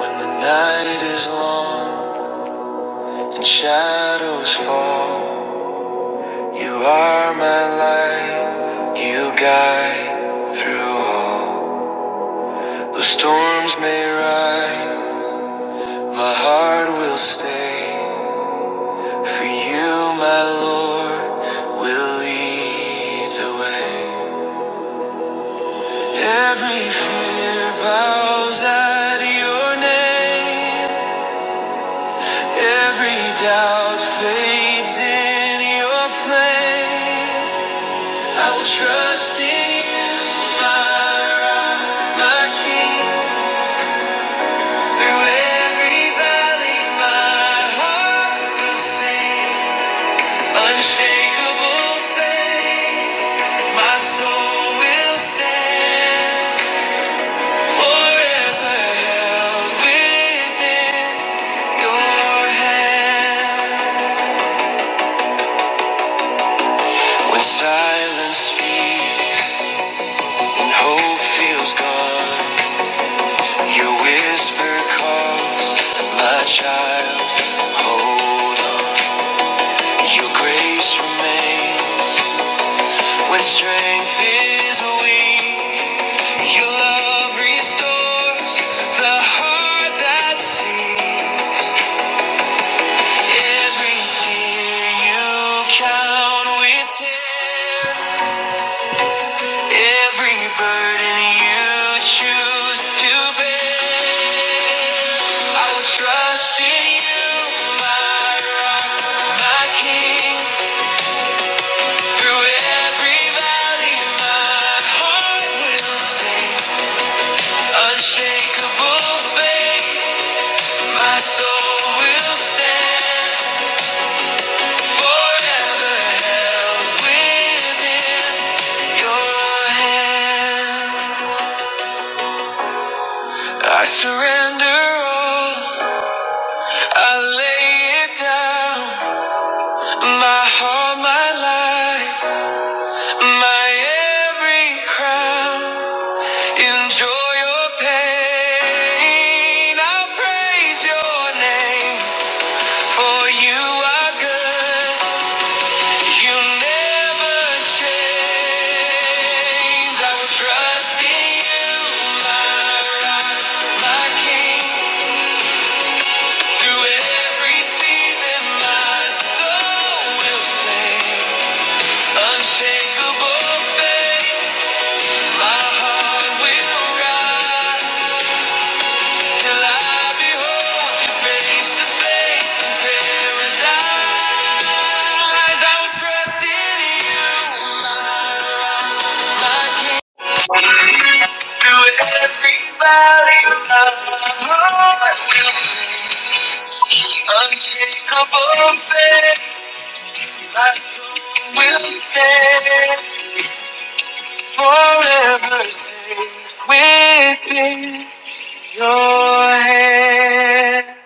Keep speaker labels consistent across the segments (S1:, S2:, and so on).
S1: When the night is long and shadows fall, you are my light. You guide through all. Though storms may rise, my heart will stay. For you, my Lord, will lead the way. Every fear bows at your name. Every doubt fades in your flame. I will trust in you, my rock, my king. Through every valley, my heart will sing. Unshakable faith, my soul will stand. Forever held within your hand. When silence speaks and hope feels gone. Your whisper calls, my child, hold on. Your grace remains when strength is weak. Your love restores the heart that sees Every tear you count within, every burden you choose to bear. I will trust in you, my rock, my king. Through every valley, my heart will sing. Unshakable faith, my soul will stand. Forever held within your hand. I surrender all. I lay it down. My heart, my life. My every crown, enjoy your pain. I'll praise your name, for you are good. You never change. I will trust you, my rock, my king. Through every season, my soul will sing. Unshakable faith. My heart will run till I behold you face to face in paradise. I'm trusting you through every valley. My heart will be unshakable faith. My soul will stand forever safe within your hand.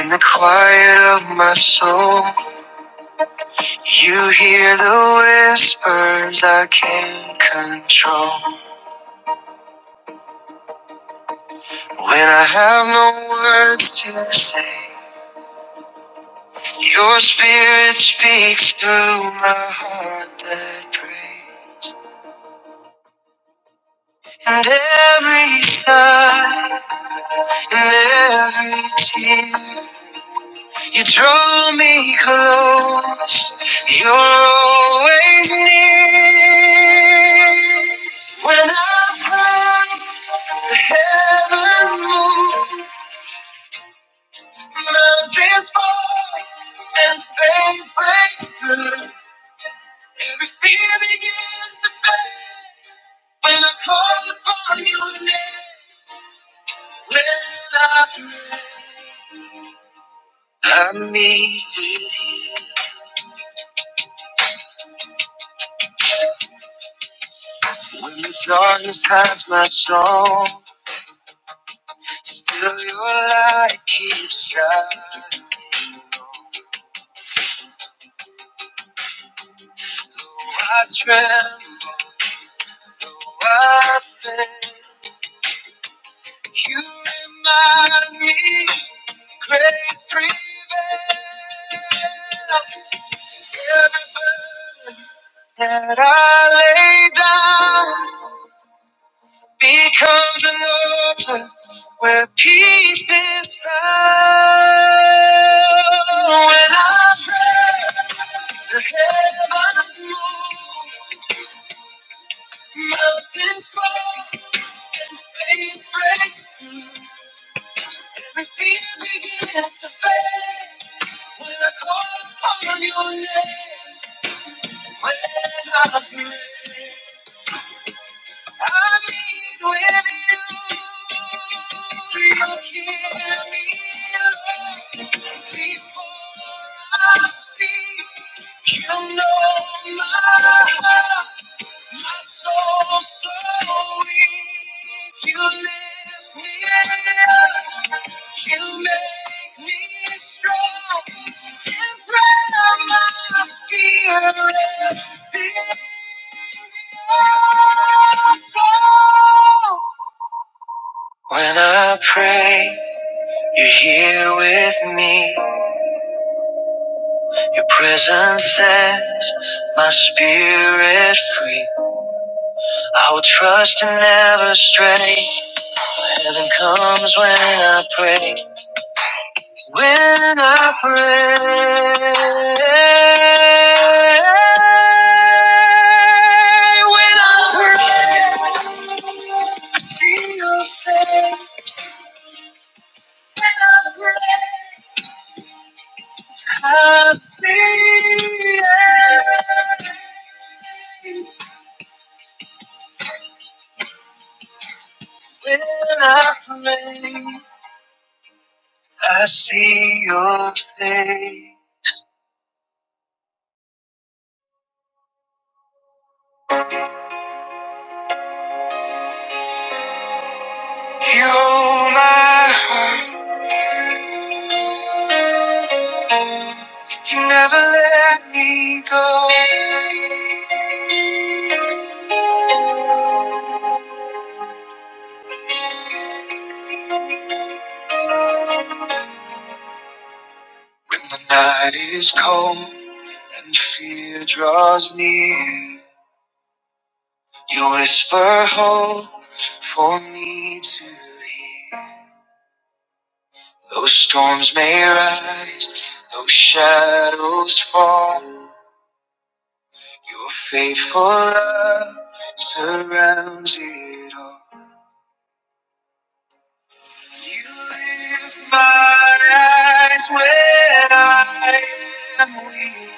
S1: In the quiet of my soul, you hear the whispers I can't control. When I have no words to say, your spirit speaks through my heart that prays. And every sigh, and every tear. You draw me close. You're always near. When I pray, the heavens move, mountains fall, and faith breaks through. Every fear begins to fade when I call upon your name. When I pray, I meet with you. When the darkness hides my soul. Still your light keeps shining. I tremble, I think you remind me grace prevails. Every burden that I lay down. becomes an altar where peace is found. When I pray, the heavens move, mountains fall, and faith breaks through. Every fear begins to fade when I call upon your name. When I pray. I need with you. You hear me Before I speak, you know my heart. My soul so weak, you lift me up. You make me strong. In prayer, my spirit sings your song. When I pray, you're here with me. Your presence sets my spirit free. I will trust and never stray. Heaven comes when I pray. When I pray. When I pray. I see your face. When I pray. I see it. When I pray. I see your face. You're my You never let me go. When the night is cold and fear draws near, you whisper hope for me to hear. Though storms may rise, though shadows fall, your faithful love surrounds it all. You lift my eyes when I am weak.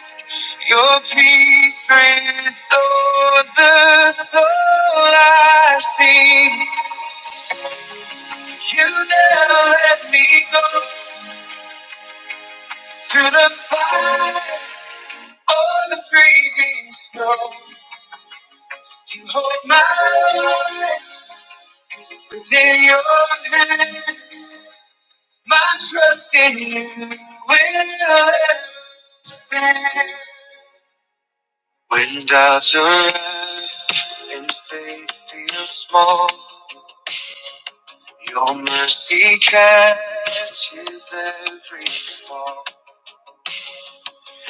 S1: Your peace restores the soul I see. You never let me go through the fire or the freezing snow. You hold my life within your hand. My trust in you will stand. When doubts arise and faith feels small, Your mercy catches every fall.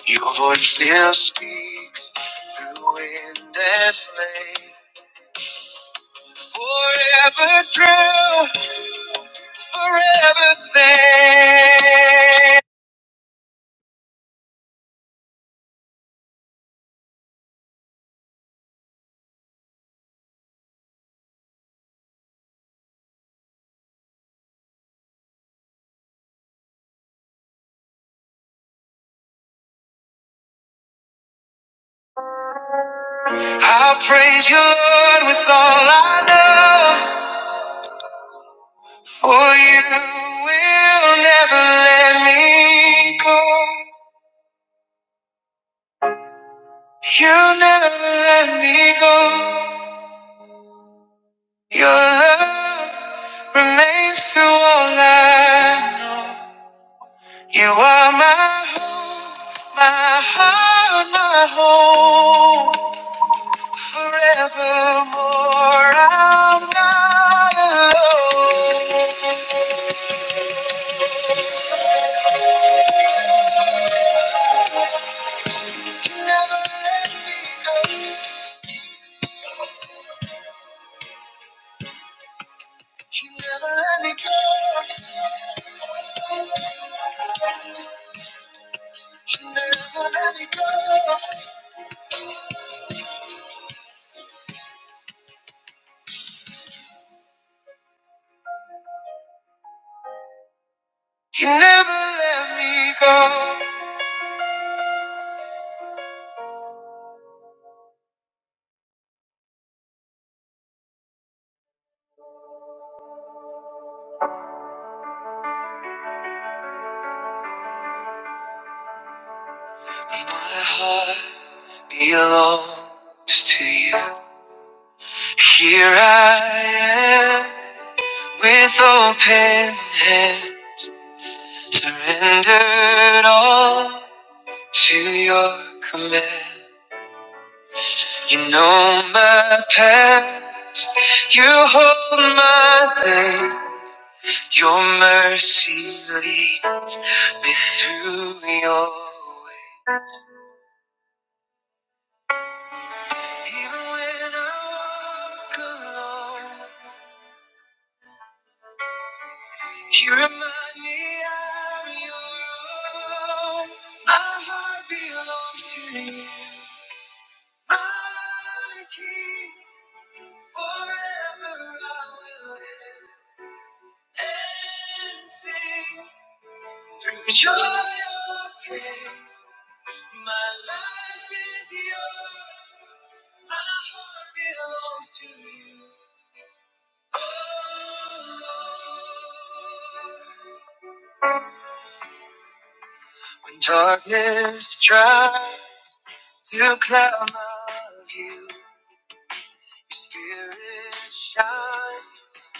S1: Your voice still speaks through wind and flame. Forever true, forever same. I'll praise you, Lord, with all I know. For you will never let me go. You'll never let me go. Your love. remains true all I know. You are my hope, my heart, my home. Forevermore, I'm not alone. You never let me go. You never let me go. You never let me go. You never let me go. My heart belongs to you. Here I am with open hand, surrendered all to your command. You know my path, you hold my day. Your mercy leads me through your way. Even when I walk alone, You remind me I'm your own. My heart belongs to you. My king, forever I will live and sing through joy or pain. My life is yours. My heart belongs to you. Oh, Lord. When darkness tries To climb of you, your spirit shines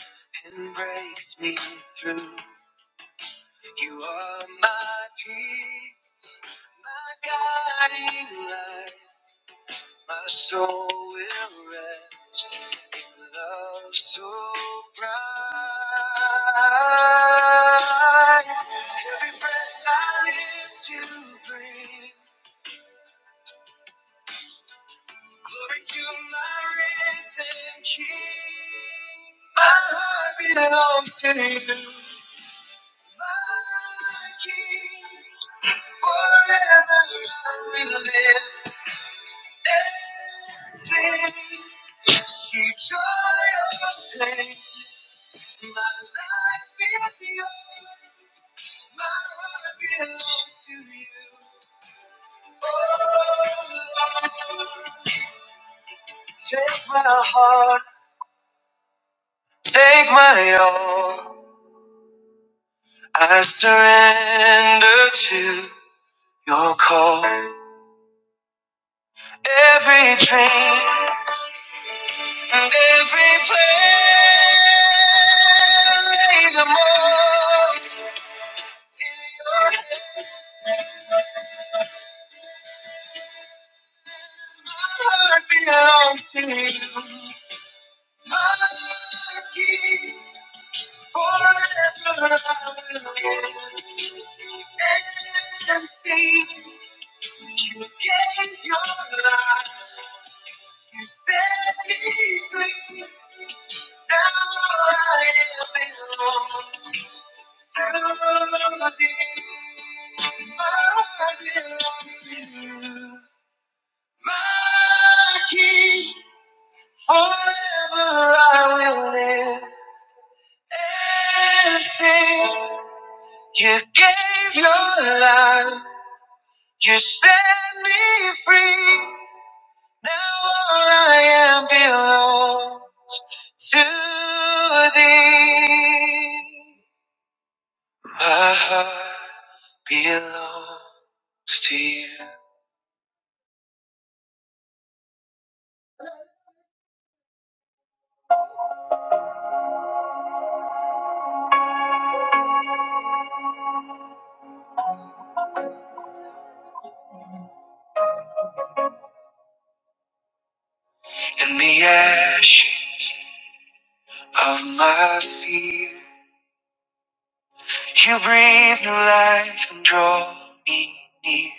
S1: and breaks me through. You are my peace, my guiding light. My soul will rest in love so bright. Every breath I live to breathe. Glory to my risen King. My heart belongs to you. My King, forever I will live. And sing to joy unclaimed. My life is yours. My heart belongs to you. Take my heart, take my all. I surrender to your call. Every dream and every plan, lay them all in your hand. My heart belongs to you. My king, forever I will live and sing. You gave your life. You set me free. Now I belong to thee. I belong to you. My King, forever I will live and sing. You gave your life. You set me free. Now all I am belongs to thee. My heart belongs to you. In the ash of my fear, you breathe new life and draw me near.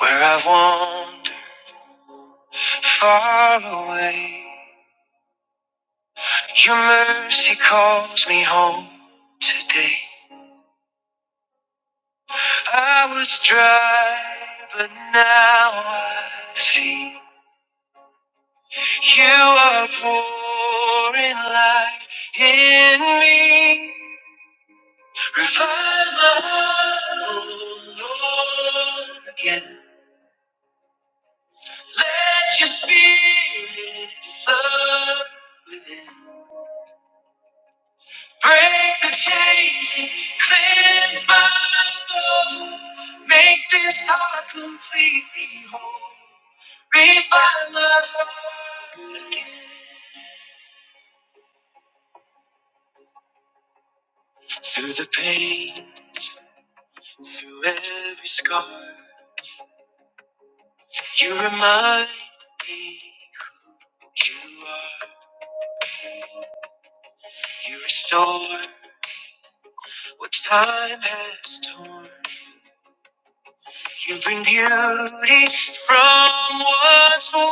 S1: Where I've wandered far away, your mercy calls me home today. I was dry, but now I see you are pouring life in me. Revive my heart, oh Lord, again. Let your spirit flow within. Break the chains and cleanse my soul. Make this heart completely whole. Breathe my Revive again. Through the pain, through every scar, you remind me who you are. You restore what time has torn. You bring beauty from what's worn.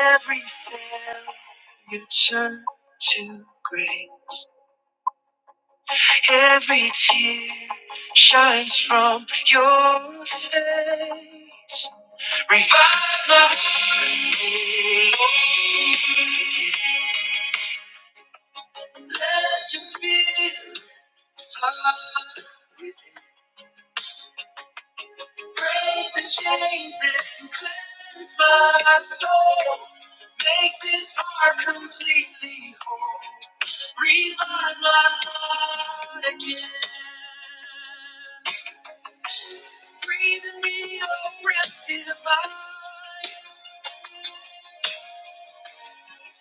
S1: Every failure turned to grace. Every tear shines from your face. Revive my faith. Let your spirit flood. Break the chains and cleanse my soul. Make this heart completely whole. Revive my heart again. Breathe in me your breath divine.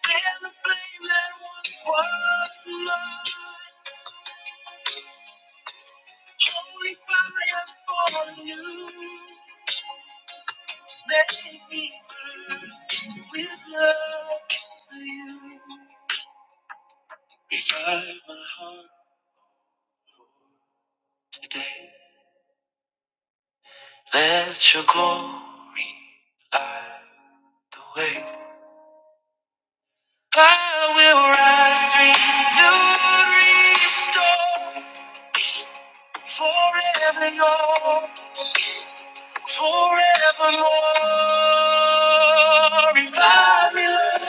S1: And the flame that once was mine. Holy fire for you. Make me burn with love for you. Revive my heart today. Let your glory light the way. I will rise renewed, restored, forever yours. Lord,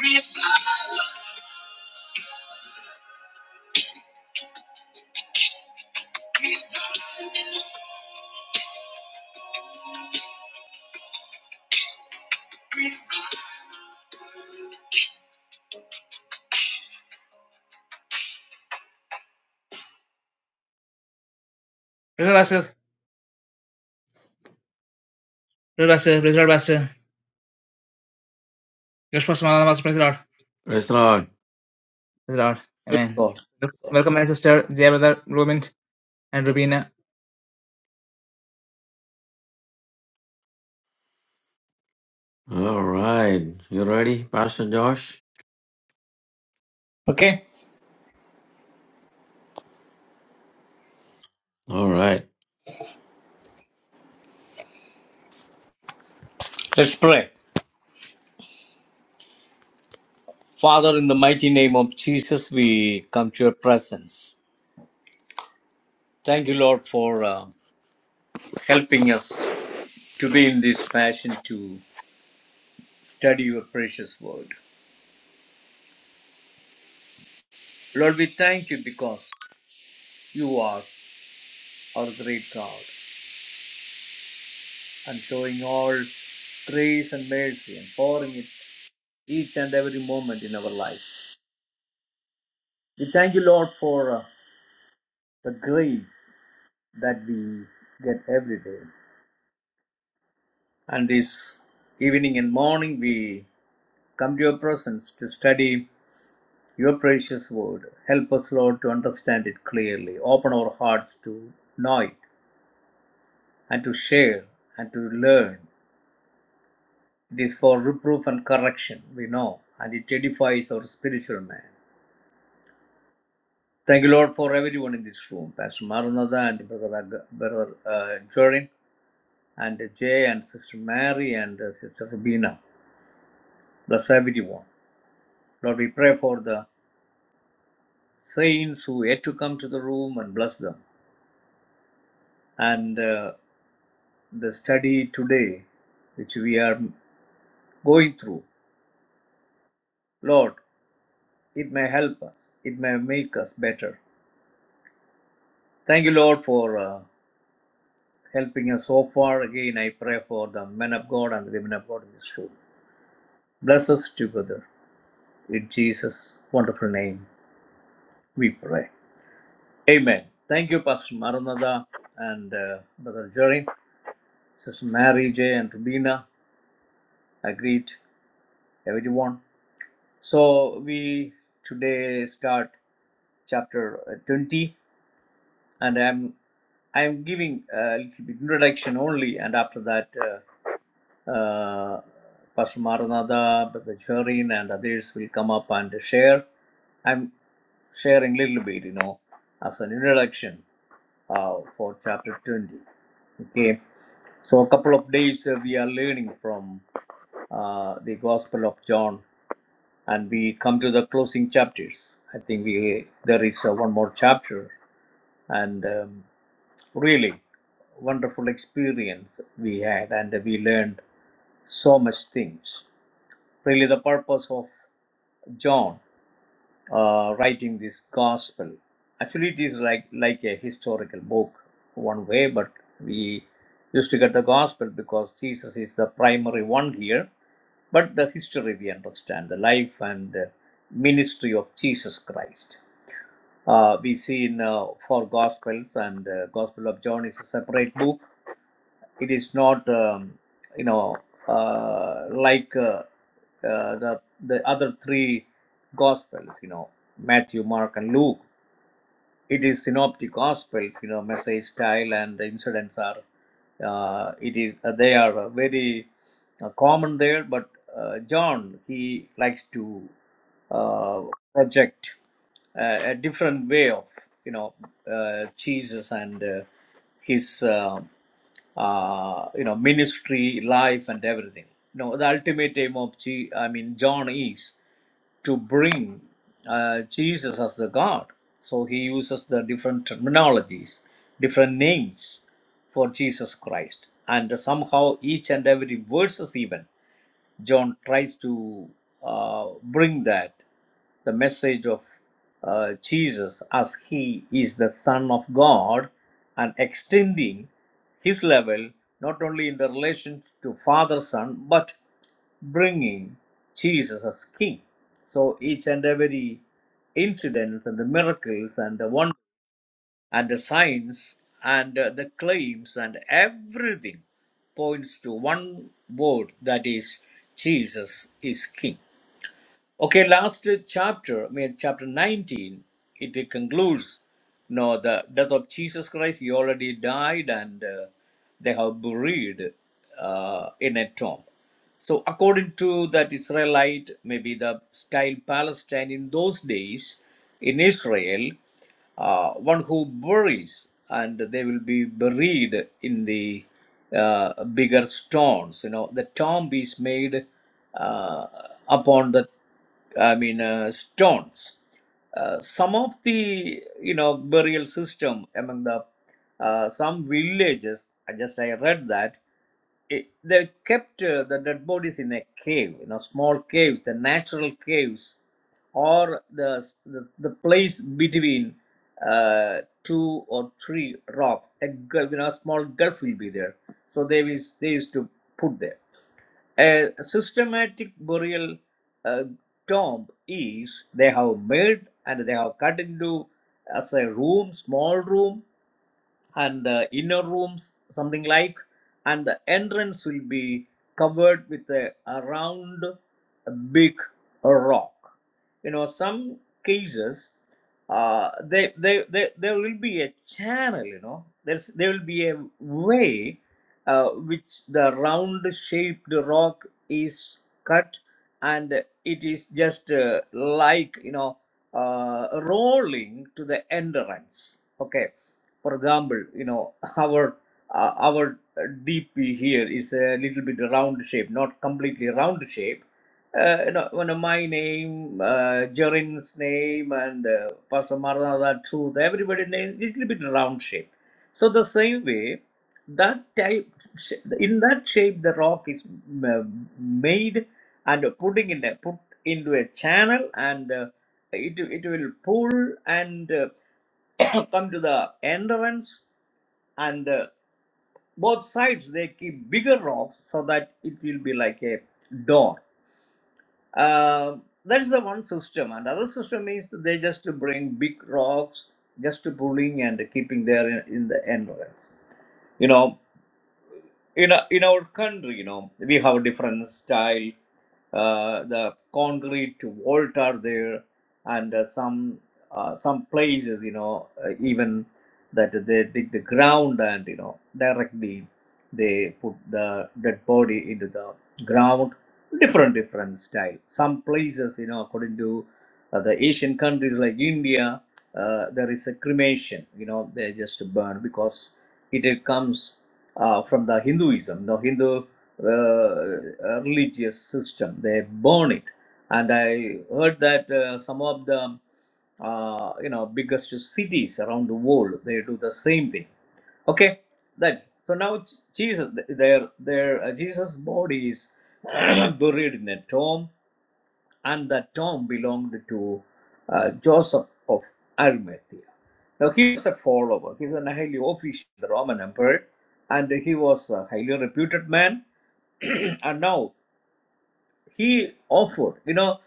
S1: revive. Praise the Pastor, praise the Lord, Pastor. Just for some other Pastor, praise the Lord.
S2: Praise the Lord.
S1: Praise the Lord. Amen.
S3: God.
S1: Look, Welcome, my sister, dear brother, Ruben and Rubina.
S2: All right. You ready, Pastor Josh?
S3: Okay,
S2: All right.
S3: let's pray. Father, in the mighty name of Jesus, we come to your presence. Thank you, Lord, for uh, helping us to be in this fashion to study your precious word. Lord, we thank you because you are our great God and showing all grace and mercy and pouring it each and every moment in our life. We thank you, Lord, for uh, the grace that we get every day. And this evening and morning, we come to your presence to study your precious word. Help us, Lord, to understand it clearly. Open our hearts to know it and to share and to learn. It is for reproof and correction, we know, and it edifies our spiritual man. Thank you, Lord, for everyone in this room Pastor Maranatha and Brother, Brother uh, Jorin, and Jay, and Sister Mary, and uh, Sister Rubina. Bless everyone. Lord, we pray for the saints who yet to come to the room and bless them. And uh, the study today, which we are going through, Lord, it may help us, it may make us better. Thank you, Lord, for uh, helping us so far. Again, I pray for the men of God and the women of God in this room. Bless us together. In Jesus' wonderful name, we pray. Amen. Thank you, Pastor Maranatha and uh, Brother Jerry, Sister Mary J. and Rubina. I greet everyone. So we today start chapter uh, 20, and I'm I'm giving a little bit introduction only, and after that, uh, uh, Pastor Maranatha, Brother Jorin, and others will come up and share. I'm sharing little bit, you know, as an introduction uh, for chapter 20. Okay, so a couple of days uh, we are learning from uh, the Gospel of John and we come to the closing chapters. I think we there is uh, one more chapter, and um, really wonderful experience we had, and we learned so much things. Really, the purpose of John uh, writing this gospel. Actually, it is like like a historical book, one way. But we used to get the gospel because Jesus is the primary one here. But the history we understand, the life and uh, ministry of Jesus Christ. Uh, we see in uh, four gospels, and uh, Gospel of John is a separate book it is not um, you know uh, like uh, uh, the the other three gospels you know matthew mark and luke it is synoptic gospels you know message style and the incidents are uh, it is uh, they are uh, very uh, common there but uh, john he likes to uh, project a, a different way of you know uh, jesus and uh, his uh, uh, you know ministry life and everything you know the ultimate aim of G, i mean john is to bring uh, Jesus as the God. So he uses the different terminologies, different names for Jesus Christ, and somehow each and every verses even. John tries to uh, bring that the message of uh, Jesus as he is the Son of God and extending his level not only in the relation to Father Son but bringing Jesus as King. So each and every incidents and the miracles and the wonders and the signs and uh, the claims and everything points to one word that is Jesus is king Okay, last chapter, I mean, chapter 19, it concludes, you know, the death of Jesus Christ. He already died and uh, they have buried uh, in a tomb. So, according to that Israelite, maybe the style Palestine in those days in Israel, uh, one who buries and they will be buried in the uh, bigger stones. You know, the tomb is made uh, upon the I mean, uh, stones. Uh, some of the you know burial system among the uh, some villages. I just I read that it, they kept uh, the dead bodies in a cave, you know, small caves, the natural caves, or the the, the place between uh, two or three rocks. A gulf, you know, a small gulf will be there. So they is they used to put there. A systematic burial uh, tomb is they have made and they have cut into as a room, small room, and the inner rooms something like and the entrance will be covered with a, a round big rock you know some cases uh, they, they, they, there will be a channel you know there's there will be a way uh, which the round shaped rock is cut and it is just uh, like you know uh, rolling to the entrance okay for example, you know, our uh, our DP here is a little bit round shape, not completely round shape. Uh, you know, when my name, uh, Jorin's name, and uh, Pastor Maranatha Truth, everybody's name is little bit round shape. So the same way, that type sh- in that shape, the rock is uh, made and putting in a put into a channel, and uh, it it will pull and uh, come to the entrance and uh, both sides they keep bigger rocks so that it will be like a door Um that's the one system and other system is they just bring big rocks just pulling and keeping there in, in the entrance you know in a, in our country, you know, we have a different style. Uh, the concrete vault are there, and uh, some uh, some places, you know, uh, even that they dig the ground and you know directly they put the dead body into the ground. Different different style. Some places, you know, according to uh, the Asian countries like India, uh, there is a cremation. You know, they just burn because it comes uh, from the Hinduism, the Hindu uh, religious system. They burn it, and I heard that uh, some of the uh, you know biggest cities around the world they do the same thing. Okay, that's so now J- Jesus, th- their their uh, Jesus' body is buried in a tomb, and that tomb belonged to uh, Joseph of Arimathea. Now he was a follower. He's an highly official of the Roman emperor, and he was a highly reputed man. and now he offered. You know,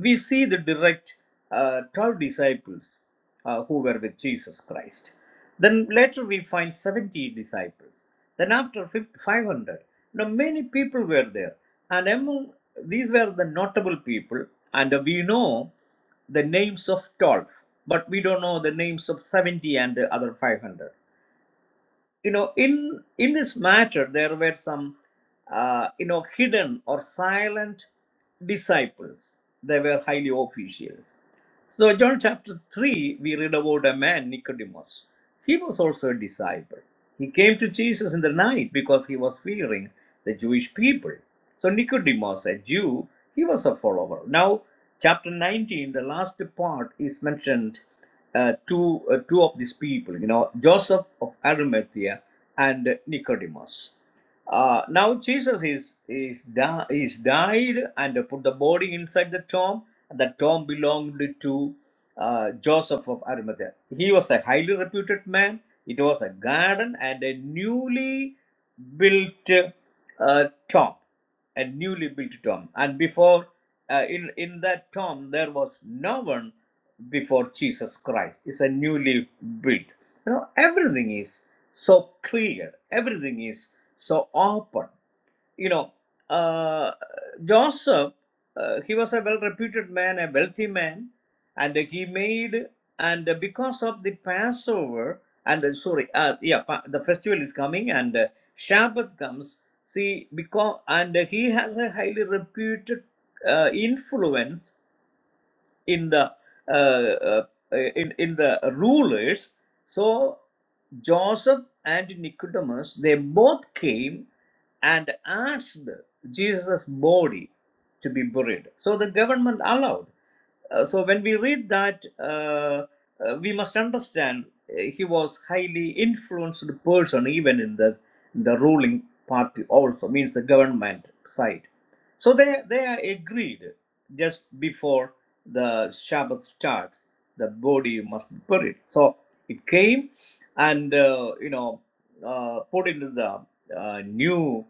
S3: we see the direct uh, 12 disciples uh, who were with Jesus Christ. Then later we find 70 disciples. Then after 500, you know, many people were there. And among these were the notable people. And we know the names of 12, but we don't know the names of 70 and the other 500 you know in in this matter there were some uh, you know hidden or silent disciples they were highly officials so john chapter 3 we read about a man nicodemus he was also a disciple he came to jesus in the night because he was fearing the jewish people so nicodemus a jew he was a follower now chapter 19 the last part is mentioned uh, two, uh, two of these people, you know, Joseph of Arimathea and Nicodemus. Uh, now Jesus is is, di- is died and put the body inside the tomb. The tomb belonged to uh, Joseph of Arimathea. He was a highly reputed man. It was a garden and a newly built uh, tomb a newly built tomb and before uh, in in that tomb there was no one before jesus christ it's a newly built you know everything is so clear everything is so open you know, uh, Joseph, uh, he was a well reputed man, a wealthy man, and he made, and because of the Passover, and uh, sorry, uh, yeah, pa- the festival is coming, and uh, Shabbat comes. See, because, and he has a highly reputed uh, influence in the uh, uh, in, in the rulers so joseph and nicodemus they both came and asked jesus body to be buried so the government allowed uh, so when we read that, uh, uh, we must understand uh, he was highly influenced person even in the the ruling party also means the government side. So they they are agreed just before the Shabbat starts, the body must be buried. So it came, and uh, you know uh, put into the uh, new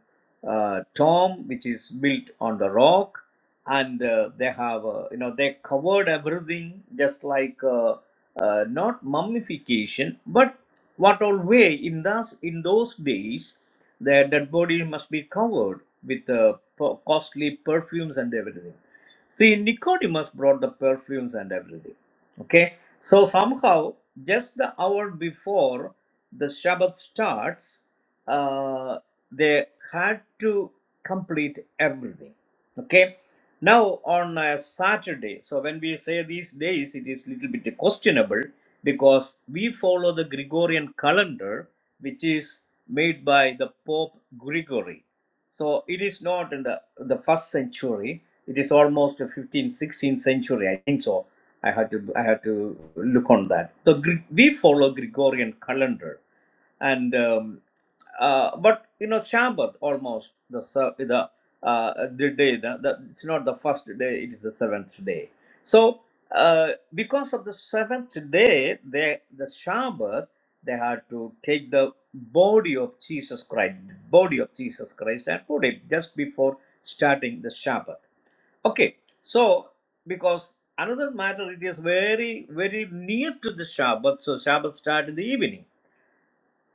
S3: uh, tomb which is built on the rock and uh, they have uh, you know they covered everything just like uh, uh, not mummification but what all way in those in those days their dead body must be covered with uh, per- costly perfumes and everything see nicodemus brought the perfumes and everything okay so somehow just the hour before the Shabbat starts, uh, they had to complete everything. Okay. Now on a Saturday, so when we say these days, it is little bit questionable because we follow the Gregorian calendar, which is made by the Pope Gregory. So it is not in the the first century. It is almost a 15th, 16th century, I think so. I had to I had to look on that. So Gre- we follow Gregorian calendar, and um, uh, but you know Shabbat almost the se- the uh, the day the, the, it's not the first day it is the seventh day. So uh, because of the seventh day, they the Shabbat they had to take the body of Jesus Christ, body of Jesus Christ, and put it just before starting the Shabbat. Okay, so because another matter, it is very very near to the Shabbat, so Shabbat start in the evening.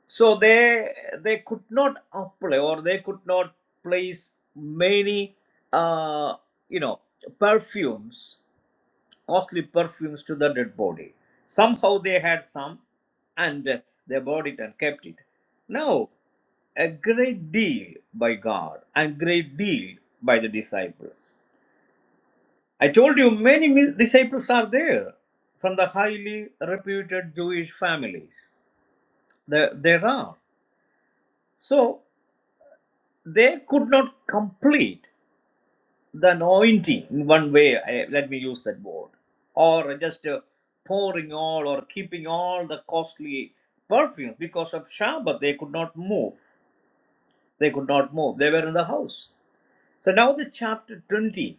S3: So they they could not apply or they could not place many uh, you know perfumes, costly perfumes to the dead body. Somehow they had some, and they bought it and kept it. Now a great deal by God and great deal by the disciples. I told you many mi- disciples are there from the highly reputed Jewish families. There, there are. So they could not complete the anointing in one way. I, let me use that word. Or just uh, pouring all or keeping all the costly perfumes because of Shabbat. They could not move. They could not move. They were in the house. So now the chapter 20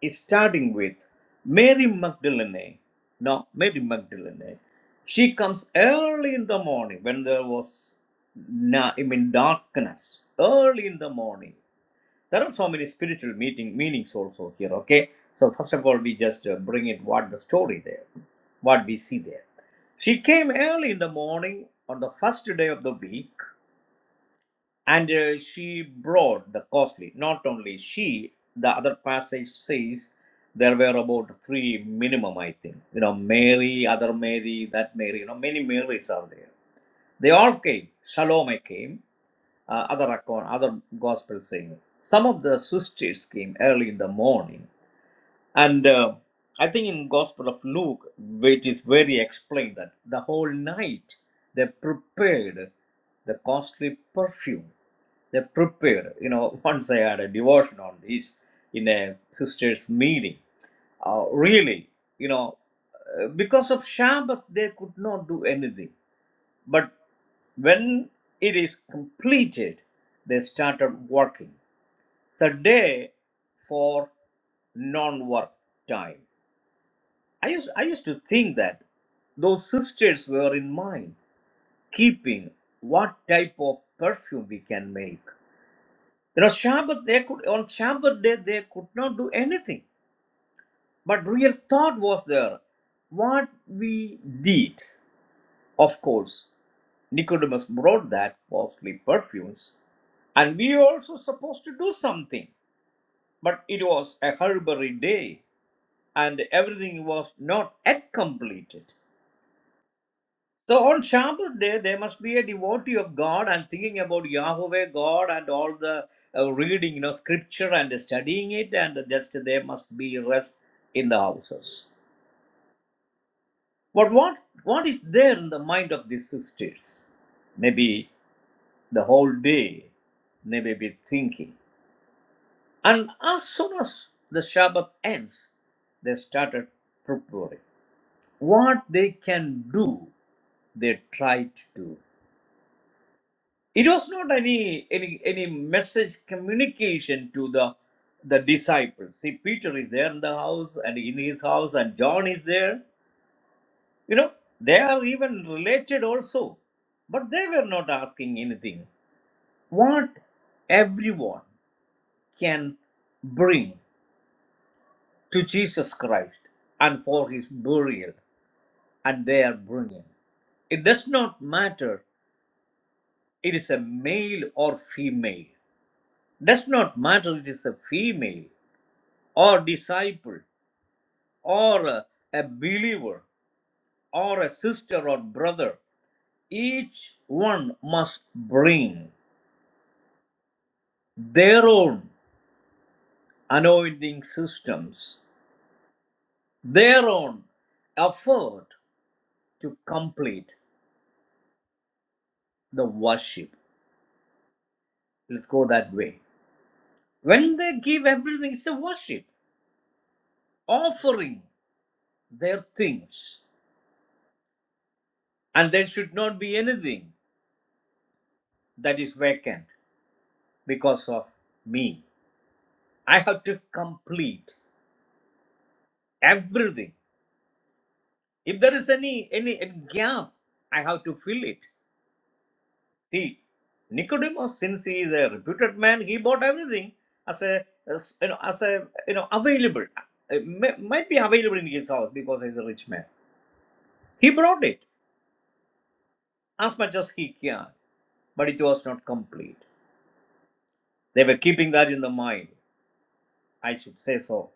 S3: is starting with Mary Magdalene. Now Mary Magdalene. She comes early in the morning when there was na- I mean darkness. Early in the morning. There are so many spiritual meeting meanings also here. Okay. So first of all, we just uh, bring it what the story there, what we see there. She came early in the morning on the first day of the week and uh, she brought the costly not only she the other passage says there were about three minimum i think you know mary other mary that mary you know many marys are there they all came salome came uh, other account other gospel saying some of the sisters came early in the morning and uh, i think in gospel of luke which is very explained that the whole night they prepared the costly perfume they prepared. You know, once I had a devotion on this in a sisters' meeting. Uh, really, you know, uh, because of Shabbat, they could not do anything. But when it is completed, they started working. The day for non-work time. I used, I used to think that those sisters were in mind, keeping what type of perfume we can make. You know, Shabbat, they could, on Shabbat day, they could not do anything. But real thought was there. What we did, of course, Nicodemus brought that, costly perfumes. And we also supposed to do something. But it was a Harbor day, and everything was not yet completed. So on Shabbat day, there must be a devotee of God and thinking about Yahweh, God, and all the uh, reading, you know, scripture and studying it, and just there must be rest in the houses. But what what is there in the mind of these sisters? Maybe the whole day they may be thinking. And as soon as the Shabbat ends, they started preparing. What they can do, they tried to do. it was not any any any message communication to the the disciples see peter is there in the house and in his house and john is there you know they are even related also but they were not asking anything what everyone can bring to jesus christ and for his burial and they are bringing it does not matter it is a male or female does not matter it is a female or disciple or a, a believer or a sister or brother each one must bring their own anointing systems their own effort to complete the worship let's go that way when they give everything it's a worship offering their things and there should not be anything that is vacant because of me i have to complete everything. If there is any any any gap, I have to fill it. See, Nicodemus, since he is a reputed man, he bought everything as a as, you know as a you know available. It may- might be available in his house because he is a rich man. He brought it as much as he can, but it was not complete. They were keeping that in the mind. I should say so.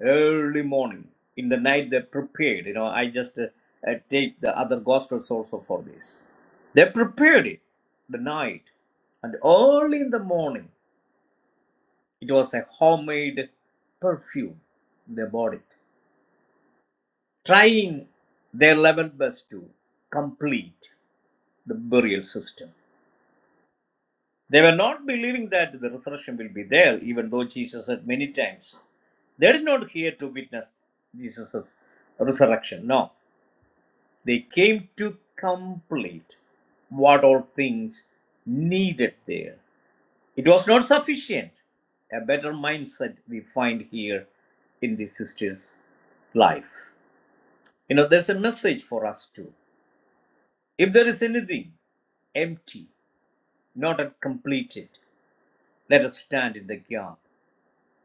S3: early morning in the night they prepared you know i just uh, uh, take the other gospels also for this they prepared it the night and early in the morning it was a homemade perfume they bought it trying their level best to complete the burial system they were not believing that the resurrection will be there even though jesus said many times they did not hear to witness jesus' resurrection. No. They came to complete what all things needed there. It was not sufficient. A better mindset we find here in the sister's life. You know, there's a message for us too. If there is anything empty, not yet completed, let us stand in the gap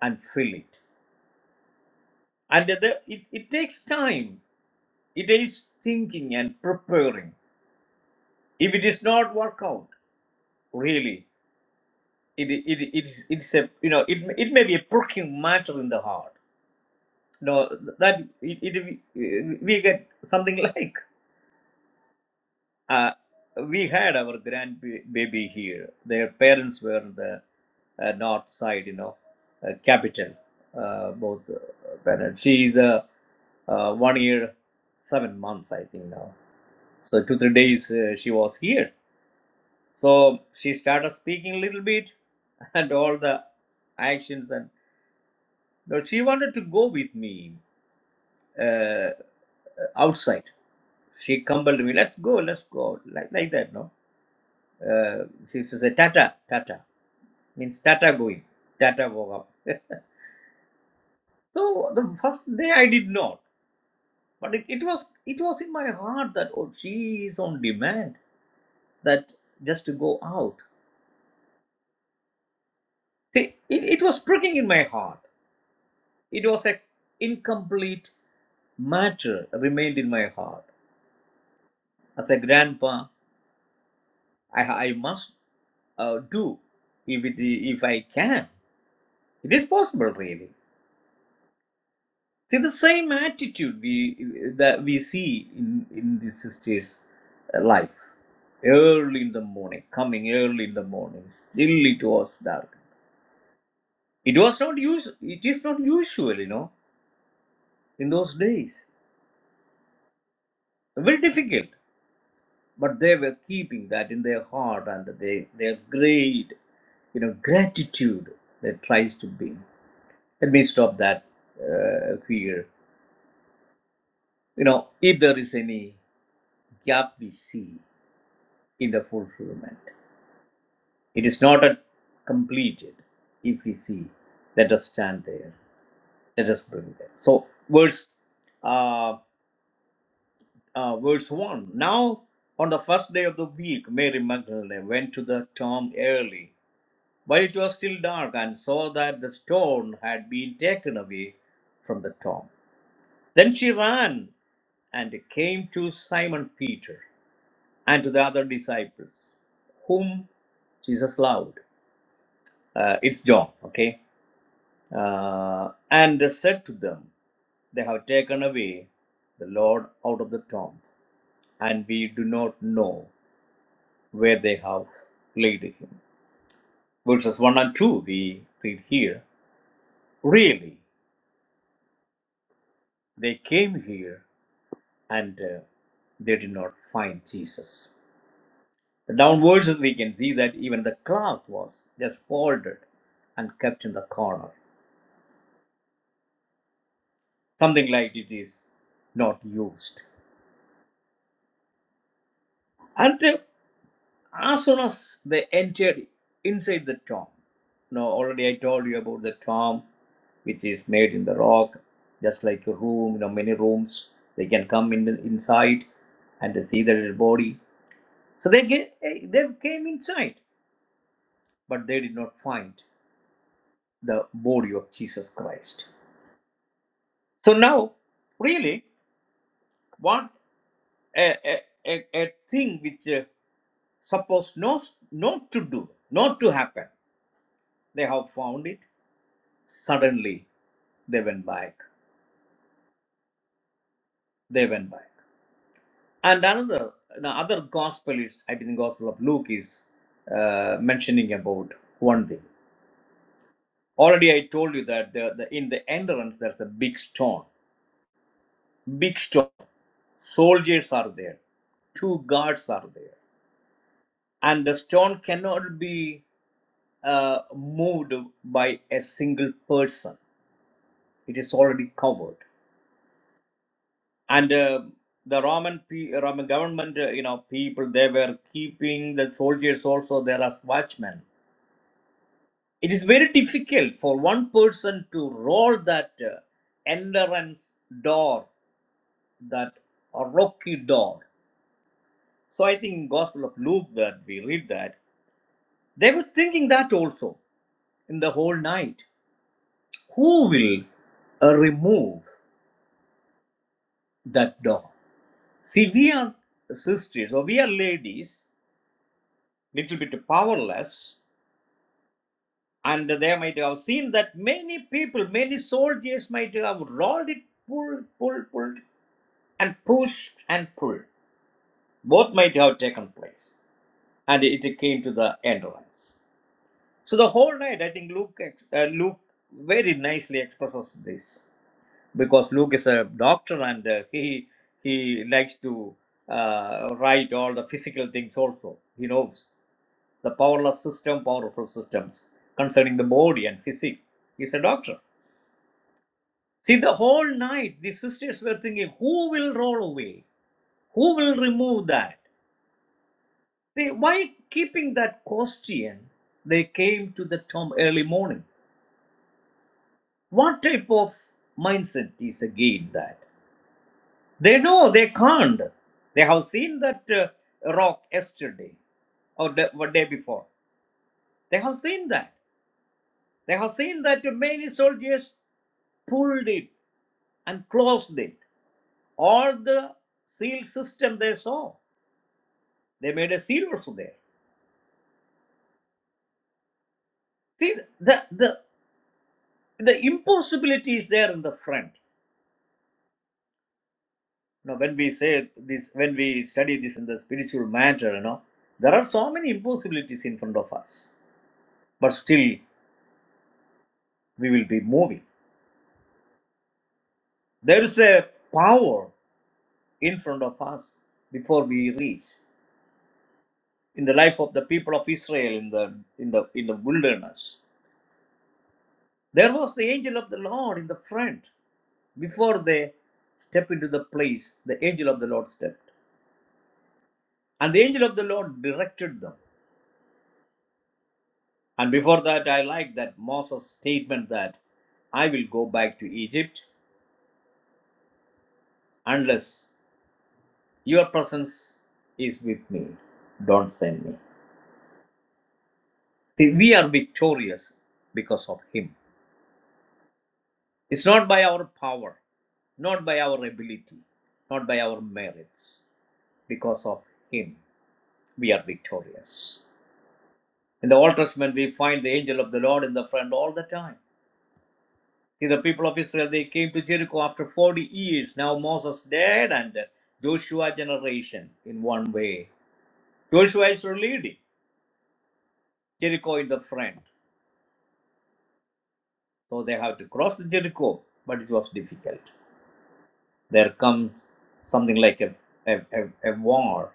S3: and fill it. And the, it, it takes time. It is thinking and preparing. If it is not work out, really, it it it's it's a you know it it may be a pricking matter in the heart you know that it, it we get something like uh, we had our grand baby here their parents were in the uh, north side you know uh, capital uh, both uh, parents she is uh, uh, one year seven months i think now so two three days uh, she was here so she started speaking a little bit and all the actions and No, she wanted to go with me uh, outside. She compelled me, let's go, let's go, like, like that, no? Uh, she says, "Hey, Tata, Tata, means Tata going. Tata woke up. So the first day I did not, but it, it was it was in my heart that oh she is on demand that just to go out. See, it, it was pricking in my heart. It was a incomplete matter remained in my heart. As a grandpa, I, I must uh, do if it if I can. It is possible, really. See the same attitude we that we see in in the sister's uh, life. Early in the morning, coming early in the morning, still it was dark. It was not us- It is not usual, you know, in those days. Very difficult, but they were keeping that in their heart and they their great, you know, gratitude that tries to bring. Let me stop that uh, here you know, if there is any gap we see in the fulfillment, it is not a completed. If we see, let us stand there. Let us bring that. So verse, uh, uh, verse one. Now on the first day of the week, Mary Magdalene went to the tomb early, while it was still dark, and saw that the stone had been taken away from the tomb. Then she ran and came to Simon Peter and to the other disciples whom Jesus loved. Uh, it's John, okay? Uh, and said to them, They have taken away the Lord out of the tomb, and we do not know where they have laid him. Verses 1 and 2, we read here. Really, they came here and uh, they did not find Jesus. The down verses we can see that even the cloth was just folded and kept in the corner. something like it is not used. And uh, as soon as they entered inside the tomb, now already I told you about the tomb which is made in the rock, just like a room, you know, many rooms. They can come in inside and they see their body. So they get, they came inside, but they did not find the body of Jesus Christ. So now, really, what a, a, a, a thing which uh, supposed not, not to do, not to happen. They have found it. Suddenly, they went back. They went back. And another, another gospel is, I think, the Gospel of Luke is uh, mentioning about one thing. Already, I told you that the, the, in the entrance there's a big stone. Big stone. Soldiers are there. Two guards are there, and the stone cannot be uh, moved by a single person. It is already covered and uh, the roman pe- roman government uh, you know people they were keeping the soldiers also there as watchmen it is very difficult for one person to roll that uh, entrance door that rocky door so i think gospel of luke that we read that they were thinking that also in the whole night who will uh, remove that door see we are sisters or we are ladies little bit powerless and they might have seen that many people, many soldiers might have rolled it, pull, pull, pull, and pushed and pull. Both might have taken place, and it came to the endurance. So the whole night, I think Luke, ex- uh, Luke very nicely expresses this because Luke is a doctor and uh, he he likes to uh, write all the physical things also. He knows the powerless system, powerful systems concerning the body and physique. He's a doctor See, the whole night the sisters were thinking, who will roll away? Who will remove that? See, why keeping that question, they came to the tomb early morning. What type of mindset is again that? They know they can't. They have seen that uh, rock yesterday or the or day before. They have seen that. They have seen that many soldiers pulled it and closed it. All the seal system they saw. They made a seal also there. See, the, the, the impossibility is there in the front. You know, when we say this, when we study this in the spiritual matter, you know, there are so many impossibilities in front of us, but still we will be moving. There is a power in front of us before we reach. In the life of the people of Israel in the, in the, in the wilderness, there was the angel of the Lord in the front before they step into the place the angel of the Lord stepped. And the angel of the Lord directed them. And before that, I like that Moses' statement that I will go back to Egypt unless your presence is with me. Don't send me. See, we are victorious because of him. It's not by our power, not by our ability, not by our merits. Because of him, we are victorious. In the Old Testament, we find the angel of the Lord in the front all the time. See, the people of Israel, they came to Jericho after 40 years. Now Moses dead and Joshua generation in one way. Joshua is leading Jericho in the front. So they have to cross the Jericho, but it was difficult. There comes something like a, a, a, a war.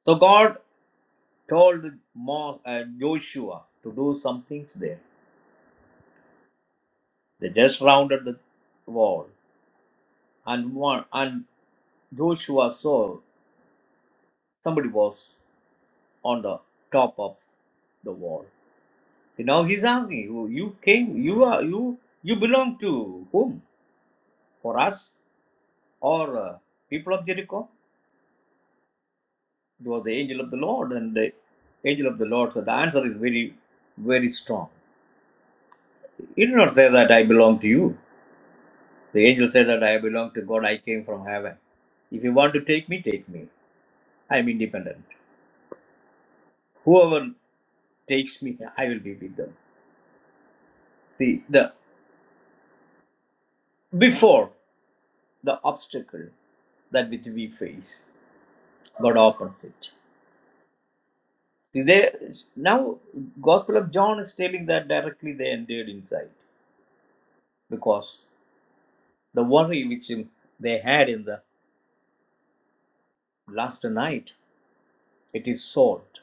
S3: So God told Mo, uh, Joshua to do some things there. They just rounded the wall, and one and Joshua saw somebody was on the top of the wall. See, now he's asking you, you came, you are, you, you belong to whom? For us or uh, people of Jericho? It was the angel of the Lord, and the angel of the Lord. said, So the answer is very, very strong. He did not say that I belong to you. The angel said that I belong to God. I came from heaven. If you want to take me, take me. I am independent. Whoever takes me, I will be with them. See the before. the obstacle that which we face. God opens it. See, they now Gospel of John is telling that directly they entered inside because the worry which they had in the last night it is solved.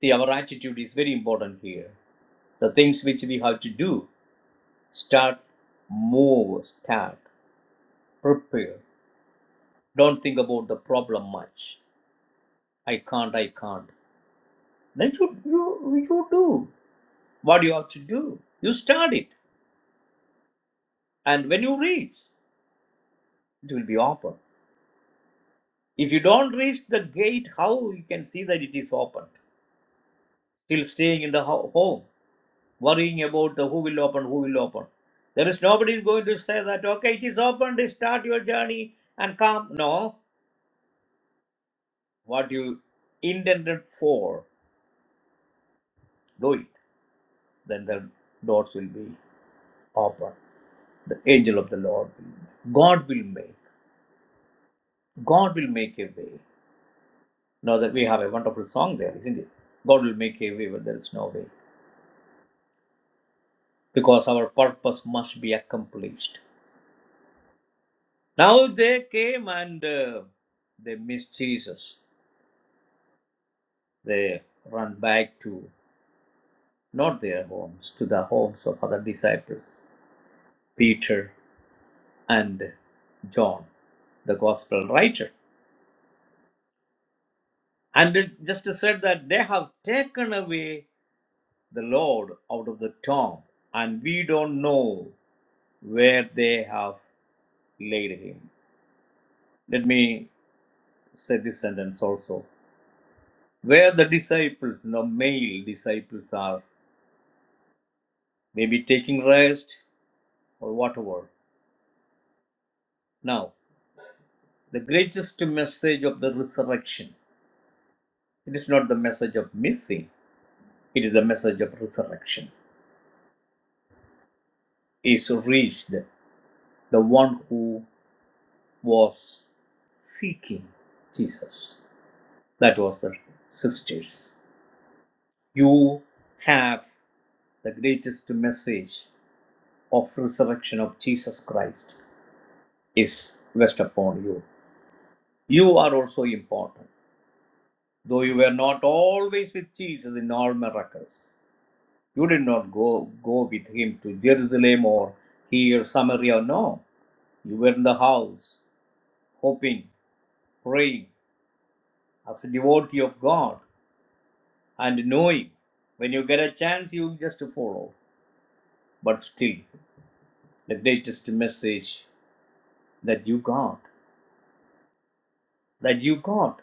S3: See, our attitude is very important here. The things which we have to do, start, move, start, prepare. Don't think about the problem much. I can't, I can't. Then you you you do. what you have to do. You start it, and when you reach, it will be open. If you don't reach the gate, how you can see that it is opened? Still staying in the ho- home, worrying about the who will open, who will open. There is nobody is going to say that okay, it is opened. Start your journey and come. No, what you intended for, do it. Then the doors will be open. The angel of the Lord will. make. God will make. God will make a way. Now that we have a wonderful song there, isn't it? God will make a way where there is no way, because our purpose must be accomplished. Now they came and uh, they missed Jesus. They run back to not their homes, to the homes of other disciples, Peter and John, the gospel writer. And it just said that they have taken away the Lord out of the tomb, and we don't know where they have laid him. Let me say this sentence also. Where the disciples, the male disciples are, maybe taking rest or whatever. Now, the greatest message of the resurrection, it is not the message of missing, it is the message of resurrection, is reached the one who was seeking Jesus. That was the sisters. You have the greatest message of resurrection of Jesus Christ. is rest upon you. You are also important. Though you were not always with Jesus in all miracles, you did not go, go with him to Jerusalem or here, Samaria. No, you were in the house, hoping, praying, as a devotee of God, and knowing when you get a chance, you just follow. But still, the greatest message that you got, that you got,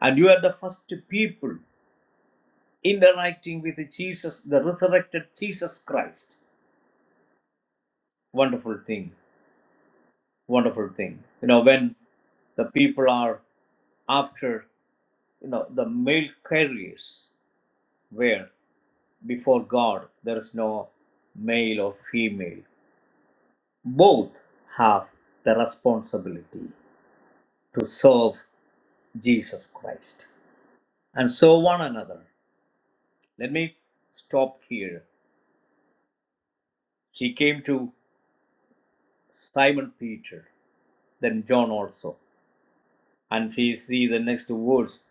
S3: and you are the first people interacting with Jesus, the resurrected Jesus Christ. Wonderful thing, wonderful thing. You know, when the people are after, you know, the male carriers, where before God there is no male or female, both have the responsibility to serve Jesus Christ and serve one another. Let me stop here. She came to Simon Peter, then John also. And we see the next words,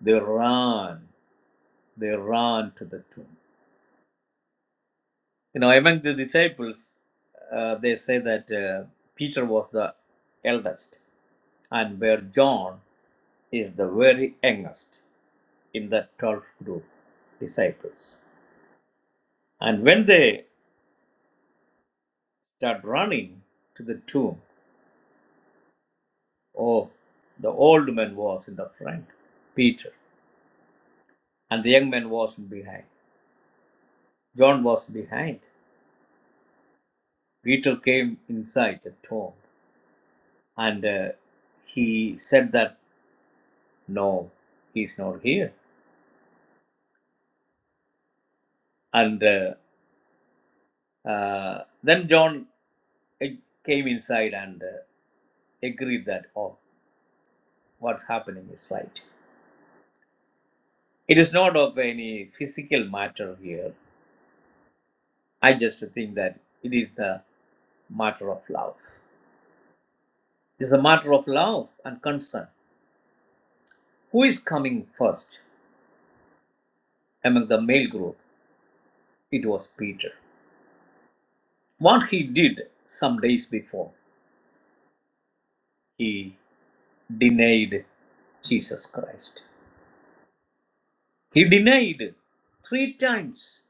S3: they ran, they ran to the tomb. You know, among the disciples, uh, they say that uh, Peter was the eldest, and where John is the very youngest in the 12th group disciples. And when they start running to the tomb, oh, the old man was in the front, Peter, and the young man was behind. John was behind. Peter came inside the tomb and uh, he said that no he's not here and uh, uh, then john uh, came inside and uh, agreed that oh what's happening is right it is not of any physical matter here i just think that it is the matter of love it's a matter of love and concern who is coming first among the male group it was peter what he did some days before. He denied Jesus Christ. He denied three times.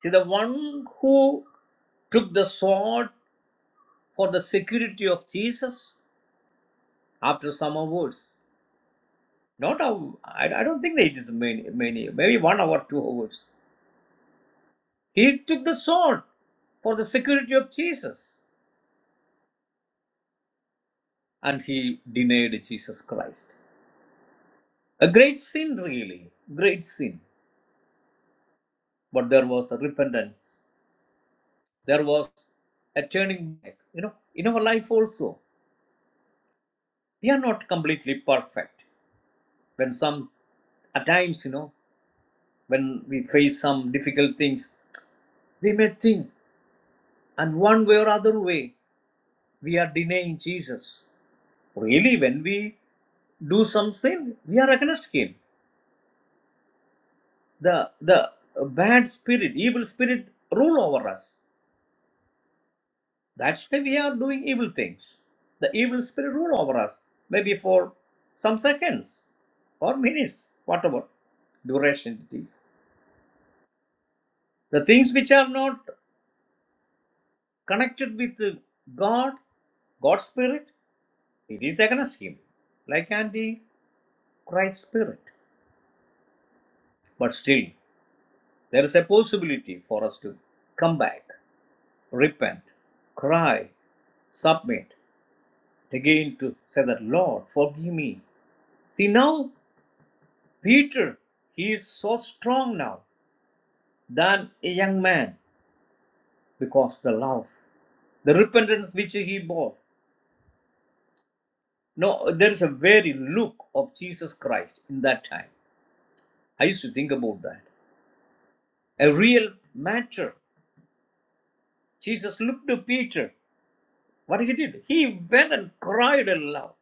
S3: See, the one who took the sword for the security of Jesus after some hours, not a, I, I don't think that it is many, many, maybe one hour, two hours. He took the sword for the security of Jesus and he denied Jesus Christ. A great sin, really, great sin. But there was a repentance there was a turning back. You know, in our life also, we are not completely perfect. When some, at times, you know, when we face some difficult things, we may think, and one way or other way, we are denying Jesus. Really, when we do some sin, we are against Him. The the bad spirit, evil spirit, rule over us. That's why we are doing evil things. The evil spirit rule over us, maybe for some seconds or minutes, whatever duration it is. The things which are not connected with uh, God, God's spirit, it is against him, like anti Christ spirit. But still, there is a possibility for us to come back, repent, cry, submit, again to say that, Lord, forgive me. See, now Peter, he is so strong now than a young man because the love, the repentance which he bore. No, there is a very look of Jesus Christ in that time. I used to think about that. A real matter. Jesus looked to Peter. What he did? He went and cried aloud.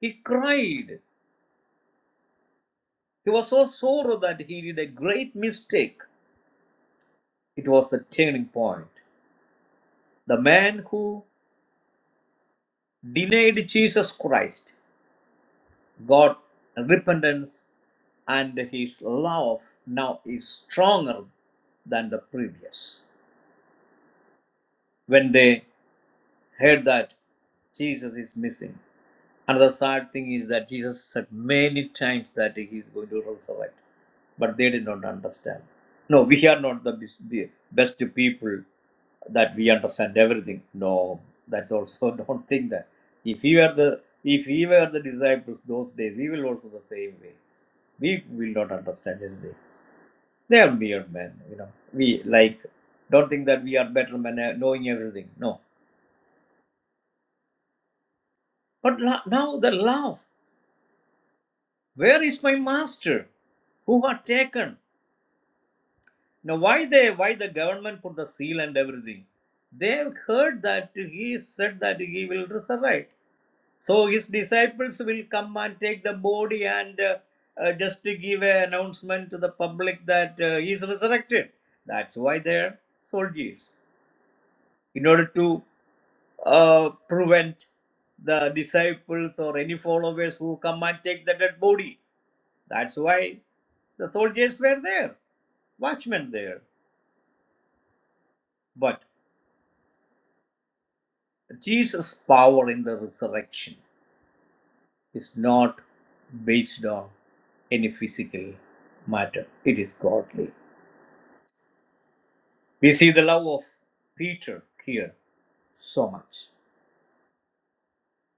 S3: He cried. He was so sorrow that he did a great mistake. It was the turning point. The man who denied Jesus Christ God repentance and his love now is stronger than the previous. When they heard that Jesus is missing, another sad thing is that Jesus said many times that he is going to resurrect, but they did not understand. No, we are not the best people that we understand everything. No, that's also don't think that. If we were the if we were the disciples those days, we will also the same way. We will not understand anything They are mere men, you know. We like don't think that we are better men uh, knowing everything. No. But la- now the love. Where is my master? Who are taken? Now why they why the government put the seal and everything? They have heard that he said that he will resurrect. So his disciples will come and take the body and uh, uh, just to give an announcement to the public that uh, he is resurrected. That's why they are soldiers in order to uh, prevent the disciples or any followers who come and take the dead body. That's why the soldiers were there, watchmen there. But Jesus' power in the resurrection is not based on any physical matter, it is godly. We see the love of Peter here so much,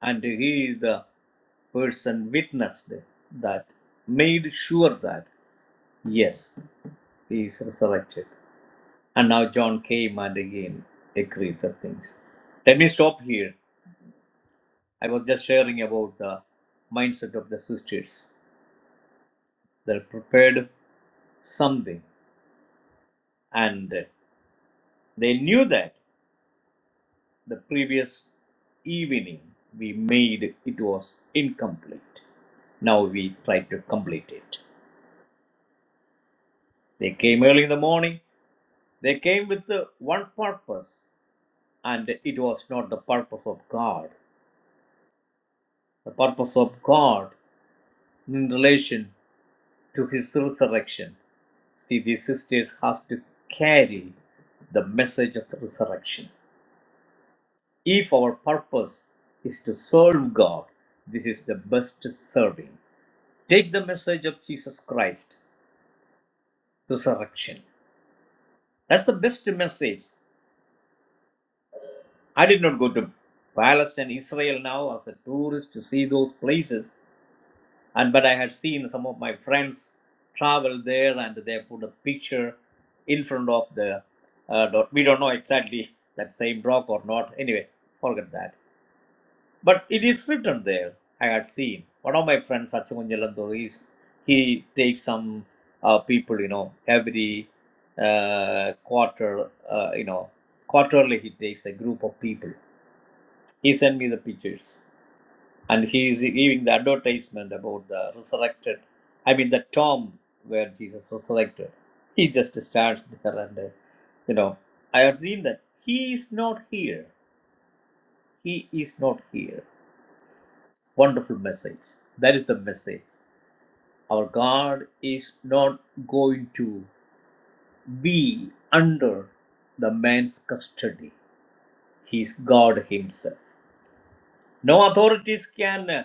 S3: and he is the person witnessed that made sure that yes, he is resurrected. And now John came and again agreed the things. Let me stop here. I was just sharing about the mindset of the sisters. They prepared something and they knew that the previous evening we made it was incomplete. Now we try to complete it. They came early in the morning. They came with the one purpose, and it was not the purpose of God. The purpose of God in relation to his resurrection. See, these sisters has to carry the message of the resurrection. If our purpose is to serve God, this is the best serving. Take the message of Jesus Christ, resurrection. That's the best message. I did not go to Palestine, Israel now as a tourist to see those places. and but i had seen some of my friends travel there and they put a picture in front of the uh, dot we don't know exactly that same rock or not anyway forget that but it is written there i had seen one of my friends Sachimanjalanduri, is he takes some uh, people you know every uh, quarter uh, you know quarterly he takes a group of people he sent me the pictures and he is giving the advertisement about the resurrected i mean the tomb where jesus resurrected he just stands there and uh, you know i have seen that he is not here he is not here wonderful message that is the message our god is not going to be under the man's custody he is god himself no authorities can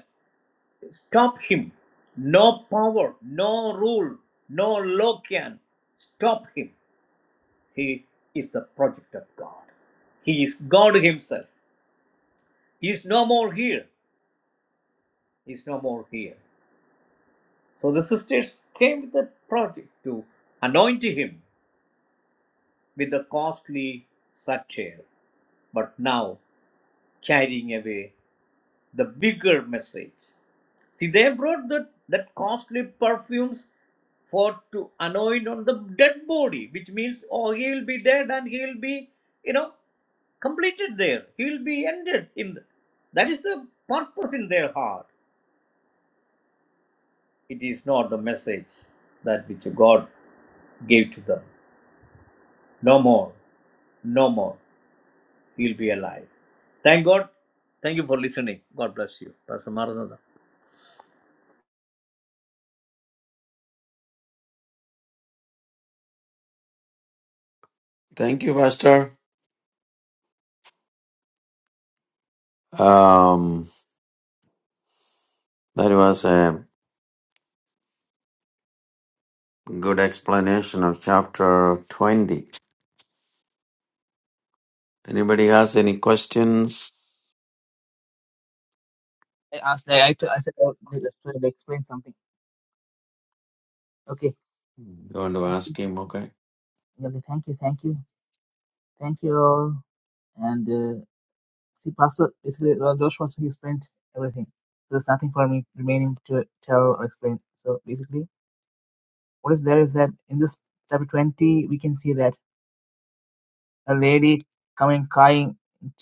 S3: Stop him. No power, no rule, no law can stop him. He is the project of God. He is God Himself. He is no more here. He is no more here. So the sisters came with the project to anoint him with the costly satire, but now carrying away the bigger message See, they brought that that costly perfumes for to anoint on the dead body, which means, oh, he will be dead and he will be, you know, completed there. He will be ended in. The, that is the purpose in their heart. It is not the message that which God gave to them. No more, no more. He'll be alive. Thank God. Thank you for listening. God bless you, Pastor Maranatha.
S2: Thank you, Pastor. Um, that was a good explanation of chapter 20. Anybody has any questions?
S1: I asked, I, I, I said, I would just to explain something. Okay,
S2: You want to
S1: thank you.
S2: ask him? Okay.
S1: Okay, thank you, thank you. Thank you all. And uh, see, Pastor, basically, uh, Josh was, he explained everything. There's nothing for me remaining to tell or explain. So basically, what is there is that in this chapter 20 we can see that a lady coming crying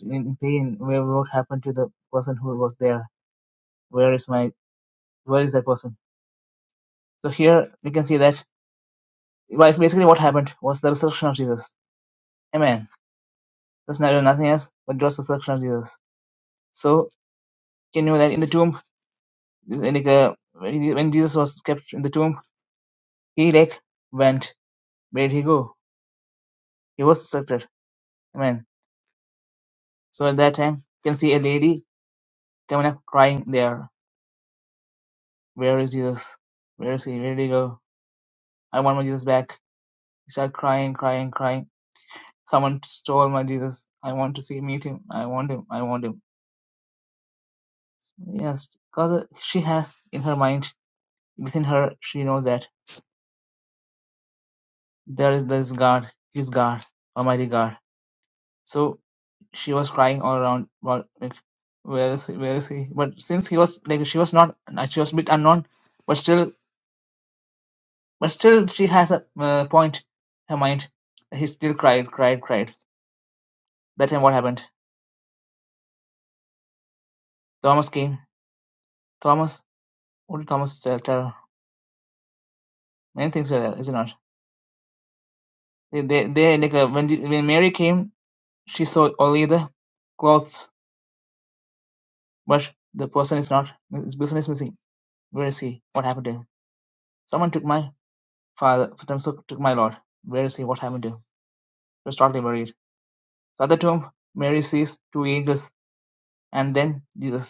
S1: in pain where what happened to the person who was there where is my where is that person so here we can see that well, basically what happened was the resurrection of jesus amen there's nothing else but just the resurrection of jesus so can you know that in the tomb like uh, when jesus was kept in the tomb he like went where did he go he was resurrected amen so at that time you can see a lady coming up crying there Where is Jesus? Where is he? Where did he go? I want my Jesus back. He started crying, crying, crying. Someone stole my Jesus. I want to see, meet him. I want him. I want him. Yes, because she has in her mind, within her, she knows that there is this God. He's God, Almighty God. So she was crying all around. What? Like, where is he? Where is he? But since he was like, she was not. uh, She was a bit unknown, but still, but still, she has a uh, point. in Her mind. He still cried, cried, cried That time what happened? Thomas came. Thomas, what did Thomas tell? tell? Many things were there, is it not? They, they, they like uh, when when Mary came, she saw only the clothes, but the person is not. This person is missing. Where is he? What happened to him? Someone took my father. Someone took my Lord. Where is he? What happened to him? It was totally worried. So at the tomb, Mary sees two angels, and then Jesus.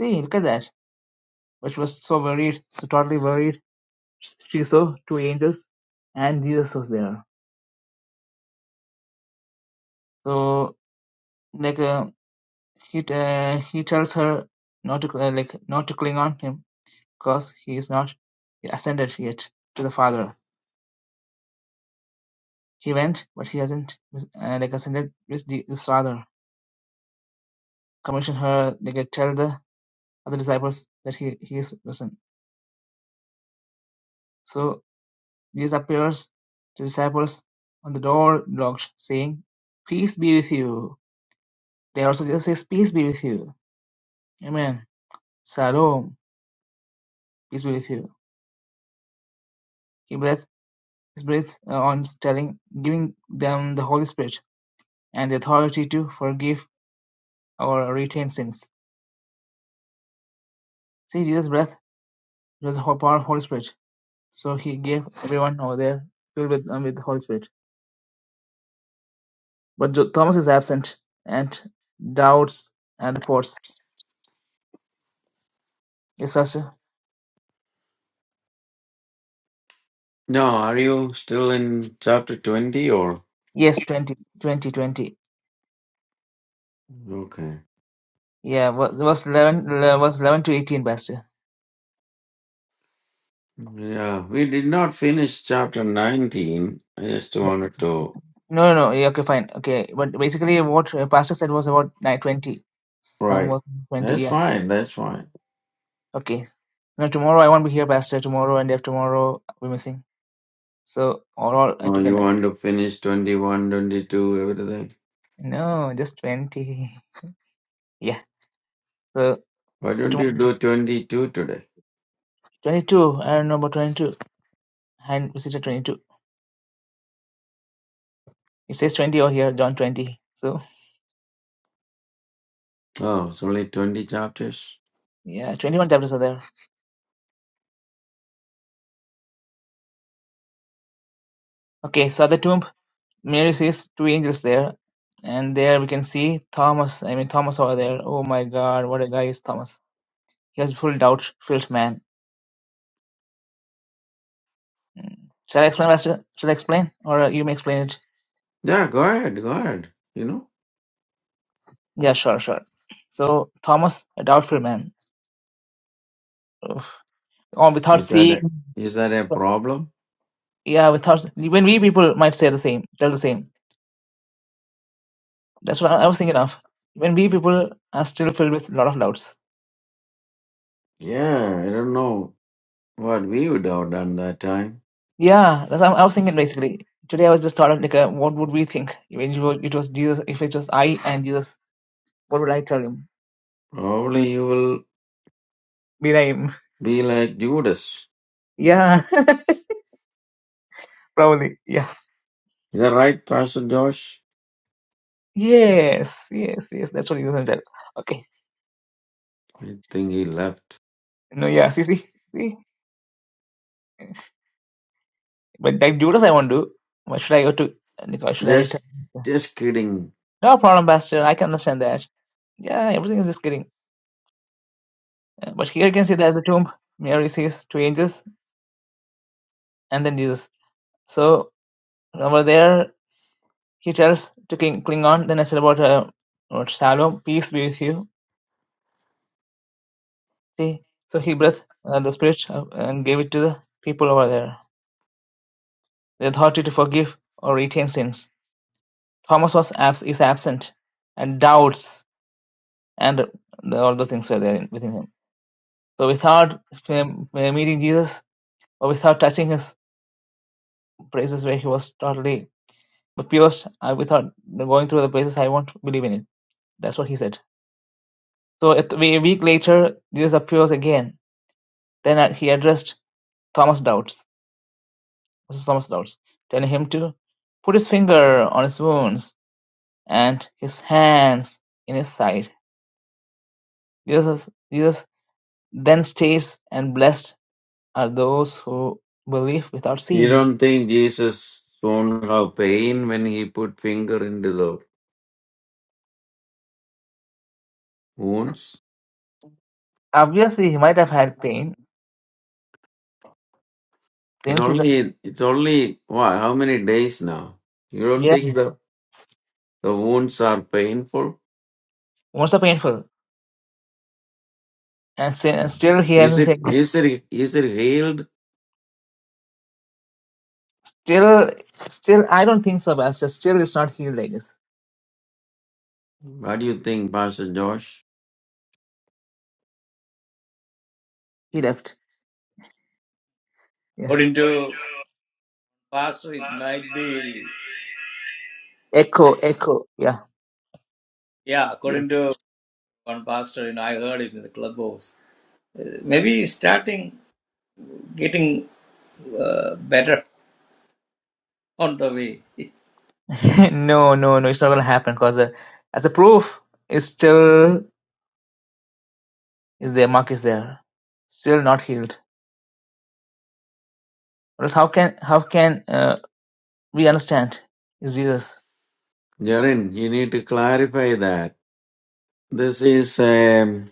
S1: See, look at that. But she was so worried, so totally worried. She saw two angels, and Jesus was there. So like uh, he t- uh, he tells her not to uh, like not to cling on him because he is not ascended yet to the father he went but he hasn't uh, like ascended with the his father commission her like uh, tell the other disciples that he, he is risen so jesus appears to disciples on the door locked saying peace be with you they also just says peace be with you amen shalom peace be with you He breathed His breath uh, on telling giving them the Holy Spirit and the authority to forgive or retain sins. See, Jesus' breath was the power of Holy Spirit, so he gave everyone over there filled with, um, with the Holy Spirit. But Thomas is absent and doubts and reports. Yes, Pastor.
S2: No, are you still in chapter 20 or?
S1: Yes, twenty, twenty, twenty.
S2: Okay.
S1: Yeah, ver- verse 11, le- verse 11 to 18, Pastor.
S2: Yeah, we did not finish chapter 19. I just wanted to.
S1: No, no, no. yeah, Okay, fine. Okay, but basically what uh, Pastor said was about nine twenty. Some
S2: Right.
S1: was 20,
S2: That's
S1: yeah.
S2: fine. That's fine.
S1: Okay. No, tomorrow I won't be here, Pastor. Tomorrow and day after tomorrow we will missing. So overall, I
S2: Oh,
S1: took
S2: you
S1: an
S2: want to finish 21, 22, everything?
S1: no, just twenty. Yeah. So
S2: Why
S1: so
S2: don't
S1: tomorrow
S2: you do 22 today?
S1: twenty-two. I don't know about twenty-two. And visited twenty-two. It says twenty over here, John twenty. So
S2: Oh, it's only 20 chapters.
S1: yeah, twenty-one chapters are there. Okay. So at the tomb, Mary sees two angels there, and there we can see Thomas. I mean Thomas over there. Oh my God, what a guy is Thomas. He was full doubt-filled man. Shall I explain, Pastor? Shall I explain, or uh, you may explain it?
S2: Yeah, go ahead, go ahead. You know,
S1: Yeah, sure, sure. So Thomas, a doubtful man. Ugh. Or without
S2: is that a,
S1: seeing,
S2: is that a problem?
S1: yeah, without when we people might say the same, tell the same. That's what I I was thinking of. When we people are still filled with a lot of doubts.
S2: Yeah, I don't know what we would have done that time.
S1: Yeah, that's what I was thinking basically. Today I was just thought of like, uh, what would we think when it was, it was Jesus? If it was I and Jesus, what would I tell him?
S2: Probably you will
S1: Will I him?
S2: be like Judas.
S1: Yeah, probably. Yeah.
S2: Is that right, Pastor Josh?
S1: Yes, yes, yes. That's what Jesus said. Okay.
S2: I think he left.
S1: No, yeah. See, see, see. But like Judas, I won't do. Why should I go to? Why should I? Tell?
S2: Just, just kidding.
S1: No problem, Pastor. I can understand that. Yeah, everything is just kidding. Uh, But here you can see there's a tomb. Mary sees two angels and then Jesus. So over there, he tells to cling cling on. Then I said about uh, about Shalom, peace be with you. See, so he breathed uh, the spirit uh, and gave it to the people over there. The authority to forgive or retain sins. Thomas was abs- is absent, and doubts and the, all the things were there in- within him. So without um, meeting Jesus or without touching his places where he was totally but pure, I without going through the places, I won't believe in it. That's what he said. So at, a week later, Jesus appears again. Then uh, he addressed Thomas' doubts, this Thomas' doubts, telling him to put his finger on his wounds and his hands in his side. Jesus, Jesus then states, and blessed are those who believe without
S2: You
S1: seeing.
S2: don't think Jesus won't have pain when he put finger into the wounds?
S1: Obviously, he might have had pain,
S2: It's
S1: Since he's a
S2: only it's only what? How many days now? You don't
S1: Yeah,
S2: think the the wounds are painful?
S1: what's so painful? And, say, and still he
S2: Is
S1: hasn't
S2: it
S1: said.
S2: is it is it healed?
S1: Still, still, I don't think so, Basta. Still, it's not healed, I guess.
S2: What do you think, Pastor Josh?
S1: He left. Yeah.
S3: According to Pastor, it might be
S1: Echo, echo. Yeah.
S3: yeah. According to one pastor, you know, I heard it in the clubhouse. Uh, Maybe starting getting uh, better on the way.
S1: yeah. no, no, no. It's not gonna happen because uh, as a proof, it's still is there. Mark is there. Still not healed. Or else how can how can uh, we understand? Is Jesus?
S2: Jaren, you need to clarify that. This is a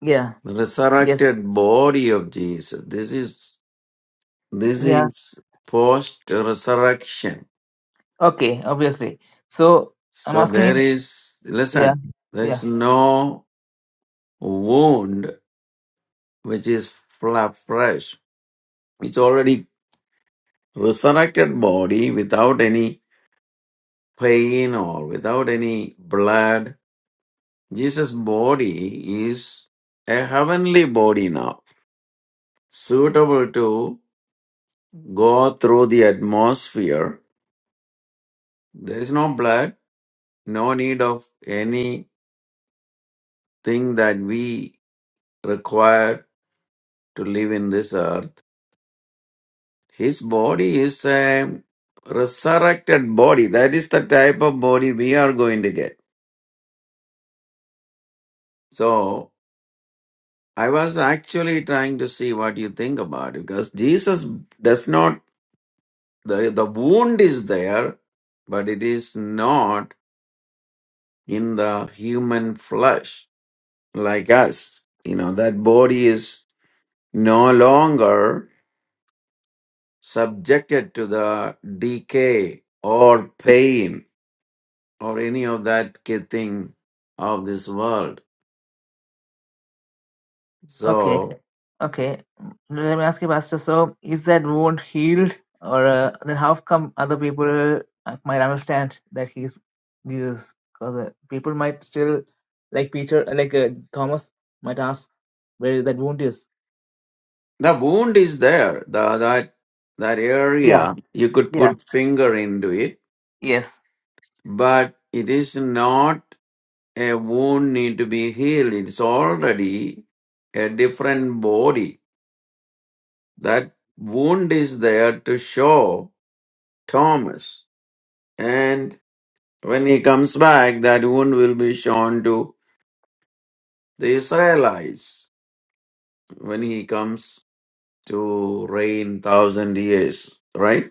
S1: Yeah. Yes.
S2: resurrected body of Jesus. This is this
S1: Yeah.
S2: is post resurrection.
S1: Okay. Obviously. So I'm
S2: So
S1: asking you.
S2: there is
S1: Yeah.
S2: listen. There
S1: Yeah.
S2: is no wound which is fla- fresh. It's already resurrected body without any pain or without any blood. Jesus' body is a heavenly body now, suitable to go through the atmosphere. There is no blood, no need of anything that we require to live in this earth. His body is a resurrected body. That is the type of body we are going to get. So I was actually trying to see what you think about it because Jesus does not the the wound is there, but it is not in the human flesh like us. You know that body is no longer subjected to the decay or pain or any of that ki- thing of this world.
S1: Okay.
S2: So
S1: Okay, mm, let me ask you, Pastor. So, is that wound healed, or uh, then how come other people uh, might understand that he's Jesus? Because uh, people might still, like Peter, uh, like uh, Thomas, might ask where that wound is.
S2: the wound is there. The that that
S1: Yeah,
S2: area you could
S1: yeah,
S2: put finger into it
S1: yes,
S2: But it is not a wound need to be healed. It's already a different body. That wound is there to show Thomas. And when he comes back, that wound will be shown to the Israelites when he comes to reign thousand years. Right?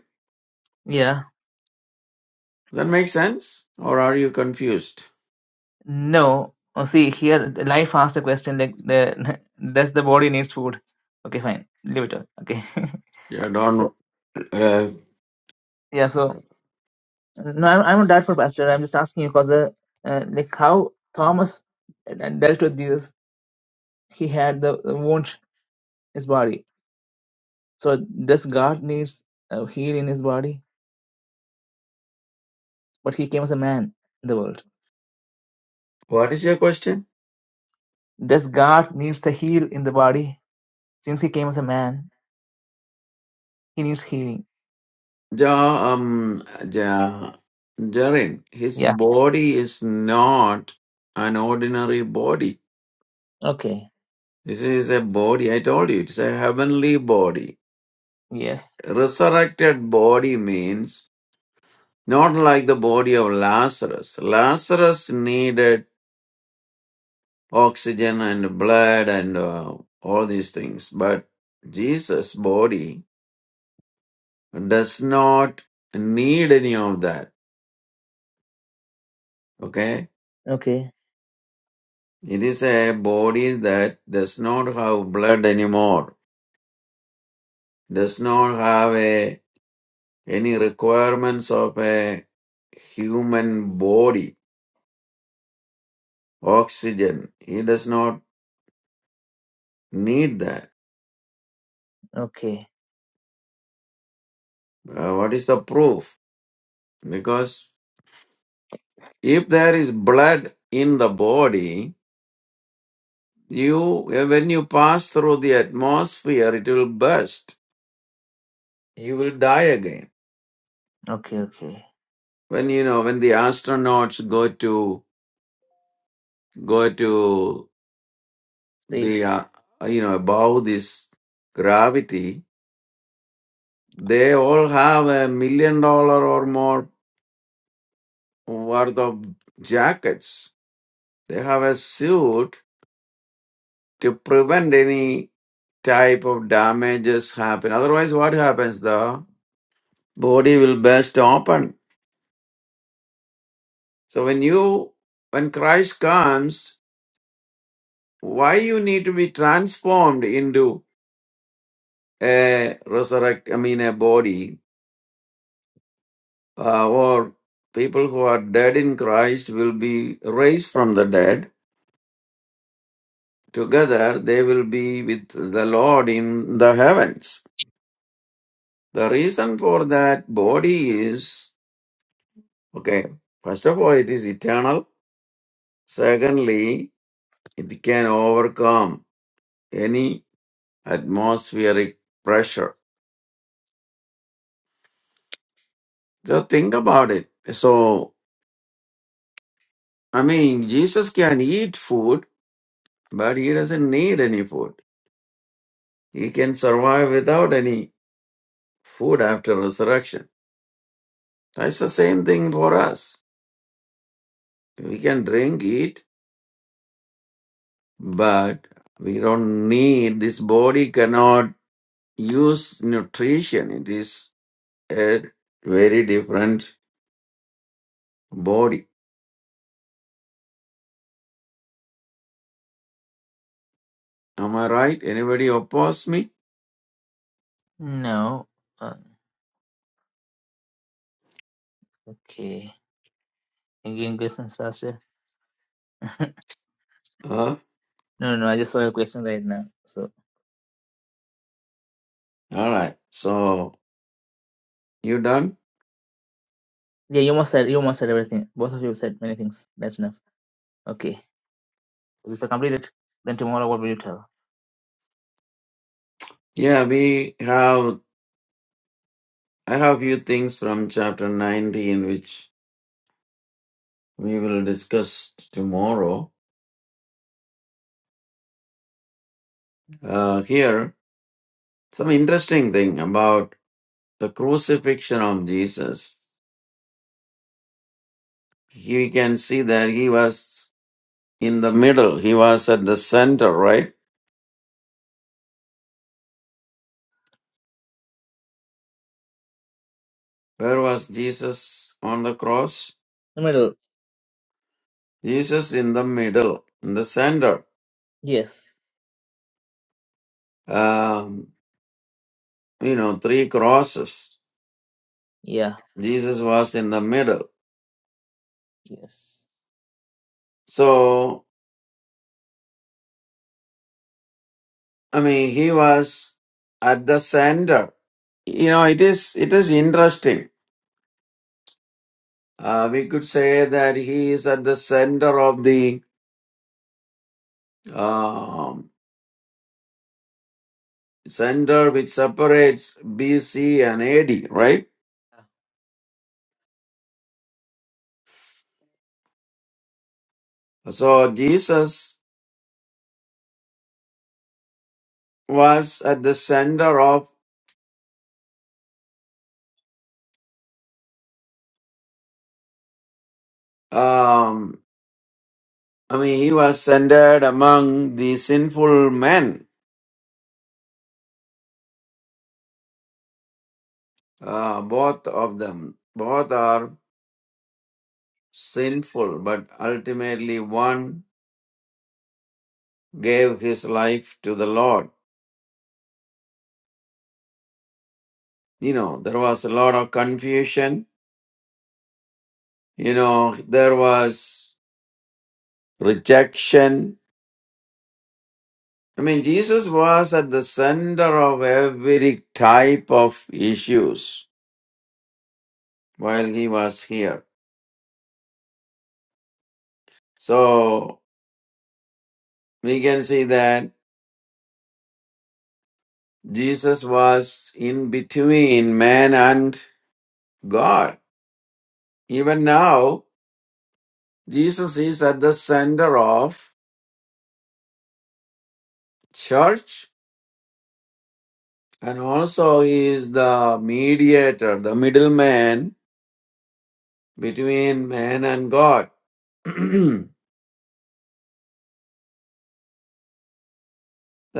S1: yeah.
S2: That makes sense? Or are you confused?
S1: No, oh, see here, life asked a question like the does the body needs food? Okay, fine, leave it. on. Okay,
S2: Yeah, don't. Uh,
S1: yeah. So. No, I'm, I'm not doubtful, Pastor. I'm just asking you because, uh, uh, like, how Thomas uh, dealt with this, he had the, the wound in his body. So, does God needs a heal in his body? But he came as a man in the world.
S2: what is your question?
S1: Does God needs to heal in the body? Since he came as a man, he needs healing.
S2: Ja, um, ja, Jarin, his
S1: Yeah.
S2: body is not an ordinary body.
S1: Okay.
S2: This is a body, I told you, it's a heavenly body.
S1: Yes.
S2: Resurrected body means not like the body of Lazarus. Lazarus needed oxygen and blood and uh, all these things, but Jesus' body does not need any of that. Okay?
S1: Okay.
S2: It is a body that does not have blood anymore, does not have a, any requirements of a human body, oxygen. He does not need that.
S1: Okay.
S2: Uh, what is the proof? Because if there is blood in the body, you when you pass through the atmosphere, it will burst. You will die again.
S1: Okay. Okay.
S2: When you know when the astronauts go to go to the
S1: Says
S2: uh, you know above this gravity they all have a million dollar or more worth of jackets they have a suit to prevent any type of damages happen otherwise what happens the body will burst open so when you when christ comes why you need to be transformed into a resurrect i mean a body uh, or people who are dead in Christ will be raised from the dead. Together they will be with the Lord in the heavens. The reason for that body is okay, first of all, it is eternal. Secondly, it can overcome any atmospheric pressure. Just think about it. So, I mean, Jesus can eat food, but he doesn't need any food. He can survive without any food after resurrection. That's the same thing for us. We can drink, eat, but we don't need, this body cannot use nutrition. It is a very different body. Am I right? Anybody oppose me?
S1: no. Uh, okay. Again, questions, Pastor.
S2: Huh?
S1: No, no, no. I just saw your question right now. So.
S2: All right. So, you done?
S1: Yeah, you must said you must said everything. Both of you said many things. That's enough. Okay. If I complete it, then tomorrow what will you tell?
S2: Yeah, we have, I have few things from chapter 19 which we will discuss tomorrow. Uh, here, some interesting thing about the crucifixion of Jesus, he can see that he was in the middle. He was at the center, right? Where was Jesus on the cross?
S1: The middle.
S2: Jesus in the middle, in the center.
S1: Yes.
S2: Um, you know, three crosses.
S1: Yeah.
S2: Jesus was in the middle.
S1: Yes.
S2: So, I mean, he was at the center. You know, it is, it is interesting. Uh, we could say that he is at the center of the, um, center which separates BC and AD, right? So Jesus was at the center of, um, I mean, he was centered among the sinful men, uh, both of them. Both are sinful, but ultimately one gave his life to the Lord. You know, there was a lot of confusion. You know, there was rejection I mean, Jesus was at the center of every type of issues while he was here. So we can see that Jesus was in between man and God. Even now, Jesus is at the center of church and also he is the mediator, the middleman between man and God. that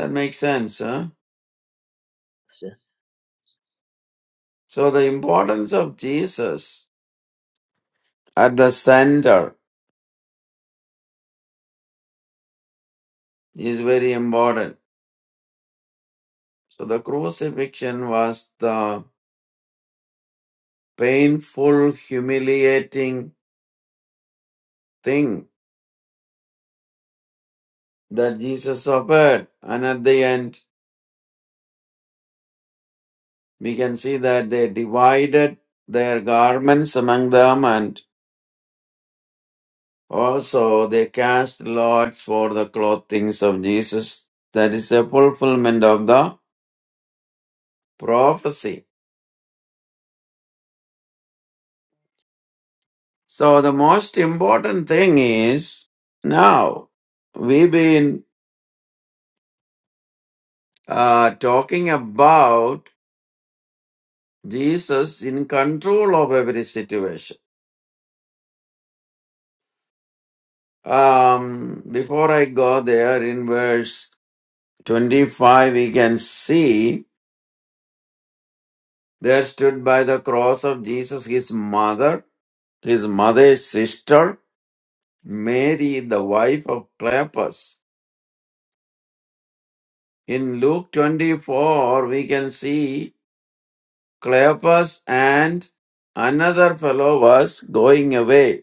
S2: makes sense, huh?
S1: Pastor.
S2: So the importance of Jesus at the center is very important. So the crucifixion was the painful, humiliating thing that Jesus suffered. And at the end, we can see that they divided their garments among them and also they cast lots for the clothings of Jesus. That is the fulfillment of the prophecy. So the most important thing is now we've been. uh, talking about Jesus in control of every situation. Um, before I go there, in verse 25, we can see there stood by the cross of Jesus his mother, his mother's sister, Mary, the wife of Cleopas. In Luke 24, we can see Cleopas and another fellow was going away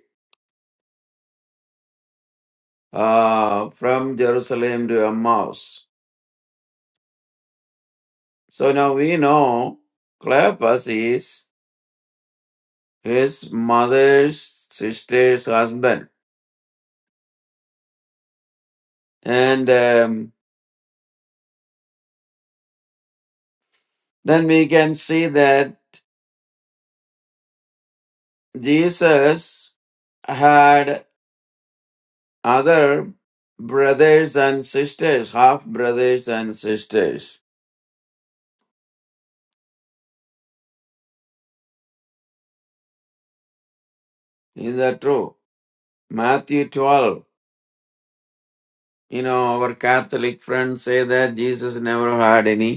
S2: uh, from Jerusalem to Emmaus. So now we know Cleopas is his mother's sister's husband. And um, then we can see that Jesus had other brothers and sisters, half brothers and sisters. Is that true? Matthew 12. You know, our Catholic friends say that Jesus never had any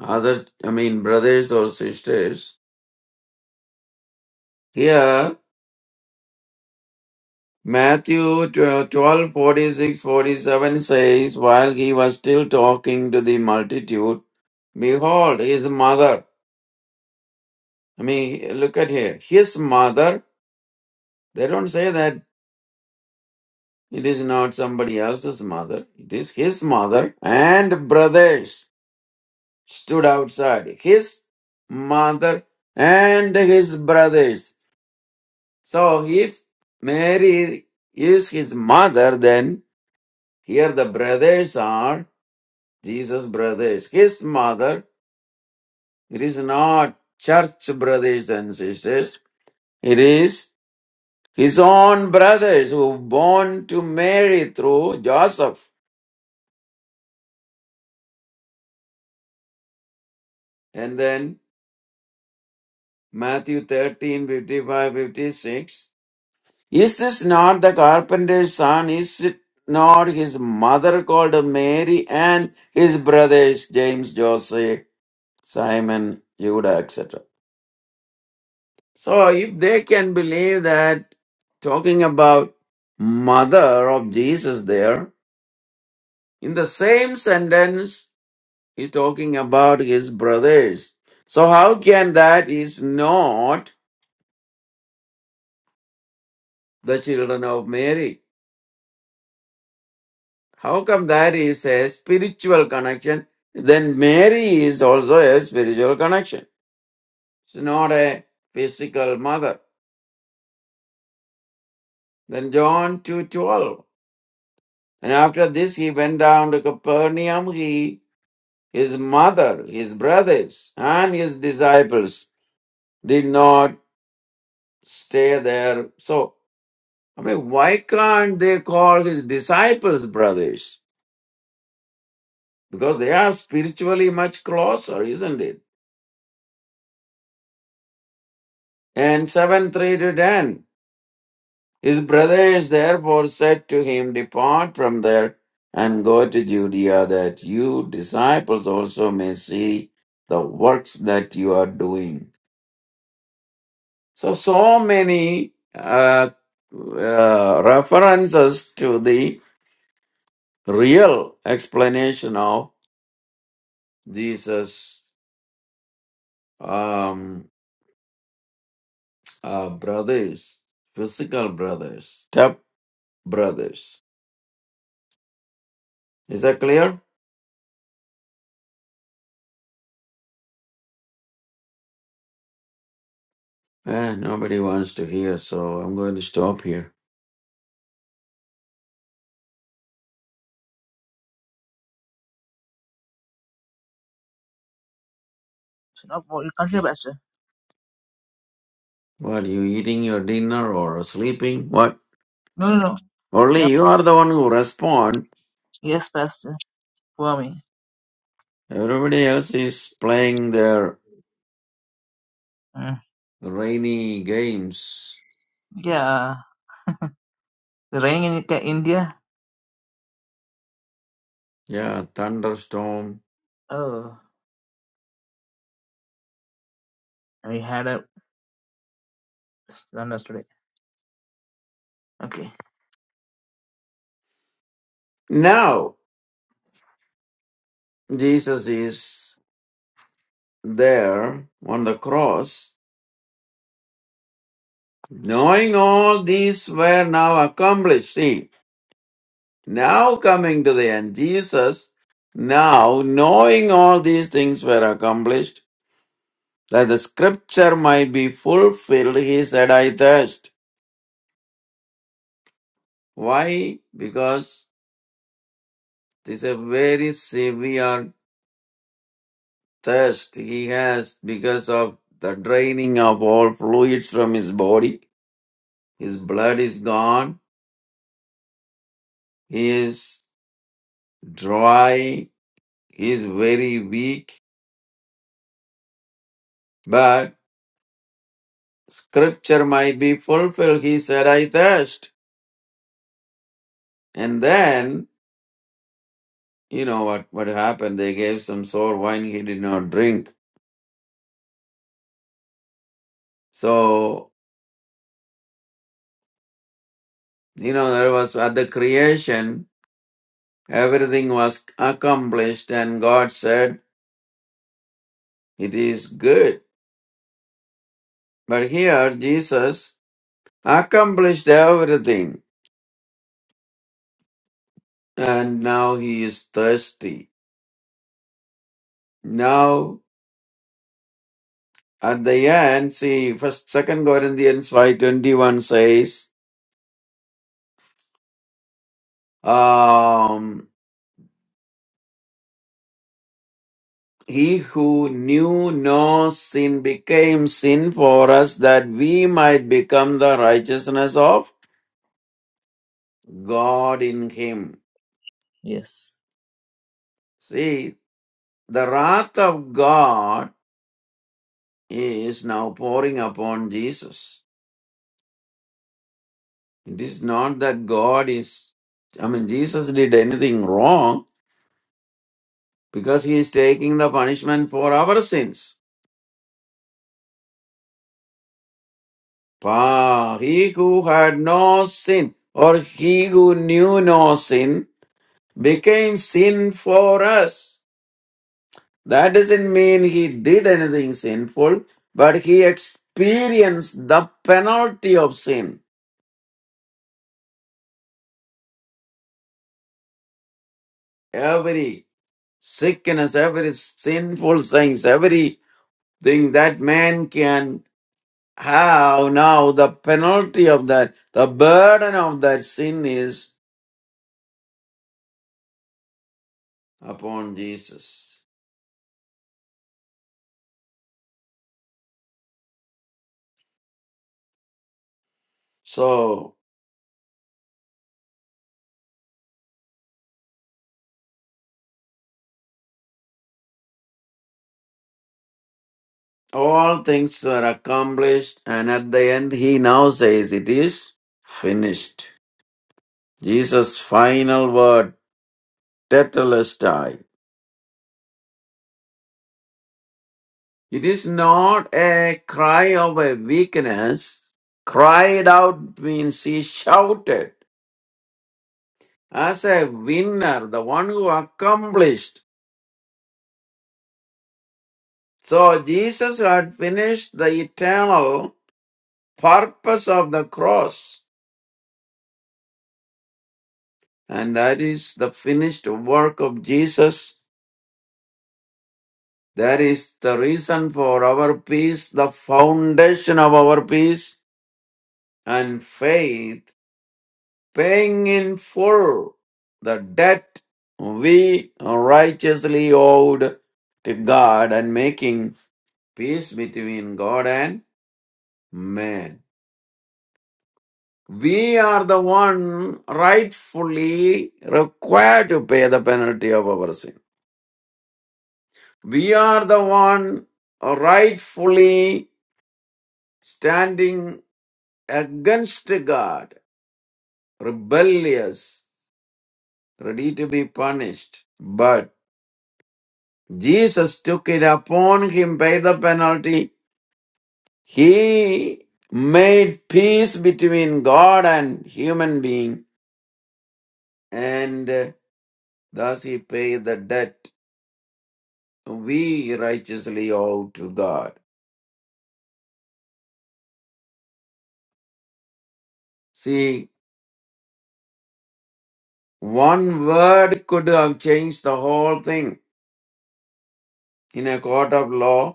S2: other, I mean, brothers or sisters. Here, Matthew 12 46 47 says, While he was still talking to the multitude, behold, his mother, I mean, look at here, his mother, they don't say that it is not somebody else's mother, it is his mother and brothers stood outside. His mother and his brothers. So if Mary is his mother, then here the brothers are Jesus' brothers. His mother, it is not church brothers and sisters, it is his own brothers who were born to Mary through Joseph. And then Matthew 13:55,56. Is this not the carpenter's son? Is it not his mother called Mary and his brothers James, Joseph? Simon, Judah, etc. So if they can believe that talking about mother of Jesus there, in the same sentence, he's talking about his brothers. So how can that is not the children of Mary? How come that is a spiritual connection? Then Mary is also a spiritual connection. It's not a physical mother. Then John 2:12. And after this, he went down to Capernaum. He, his mother, his brothers, and his disciples did not stay there. So, I mean, why can't they call his disciples brothers? Because they are spiritually much closer, isn't it? And 7 3 to 10. His brothers therefore said to him, Depart from there and go to Judea, that you disciples also may see the works that you are doing. So, so many uh, uh, references to the real explanation of Jesus' um, uh, brothers, physical brothers, step brothers. Is that clear? Eh, nobody wants to hear, so I'm going to stop here.
S1: No, well, you continue, Pastor.
S2: What you eating your dinner or sleeping? What?
S1: No, no, no.
S2: Only
S1: Yep.
S2: you are the one who respond.
S1: Yes, Pastor. For me.
S2: Everybody else is playing their
S1: Mm.
S2: rainy games.
S1: Yeah. The rain in Ca- India.
S2: Yeah, thunderstorm.
S1: Oh. And we had a thunder today. Okay.
S2: Now, Jesus is there on the cross, knowing all these were now accomplished. See, now coming to the end, Jesus, now knowing all these things were accomplished, that the scripture might be fulfilled, he said, I thirst. Why? Because this is a very severe thirst he has because of the draining of all fluids from his body His blood is gone. He is dry. He is very weak. But scripture might be fulfilled. He said, I thirst. And then, you know what, what happened? They gave some sour wine he did not drink. So, you know, there was at the creation, everything was accomplished and God said, it is good. But here, Jesus accomplished everything and now he is thirsty. Now, at the end, see, first, second Corinthians five twenty one says, um, "He who knew no sin became sin for us, that we might become the righteousness of God in Him."
S1: Yes.
S2: See, the wrath of God is now pouring upon Jesus. It is not that God is, I mean, Jesus did anything wrong because He is taking the punishment for our sins For he who had no sin, or he who knew no sin, became sin for us. That doesn't mean he did anything sinful, but he experienced the penalty of sin. Every sickness, every sinful things, everything that man can have now, the penalty of that, the burden of that sin is upon Jesus. So All things were accomplished, and at the end, he now says, It is finished. Jesus' final word, Tetelestai. It is not a cry of a weakness. Cried out means he shouted as a winner, the one who accomplished. So Jesus had finished the eternal purpose of the cross, and that is the finished work of Jesus That is the reason for our peace, the foundation of our peace and faith, paying in full the debt we righteously owed to God and making peace between God and man. We are the one rightfully required to pay the penalty of our sin. We are the one rightfully standing against God, rebellious, ready to be punished. But Jesus took it upon him, paid the penalty. He made peace between God and human being, and uh, thus he paid the debt we righteously owe to God. See, one word could have changed the whole thing in a court of law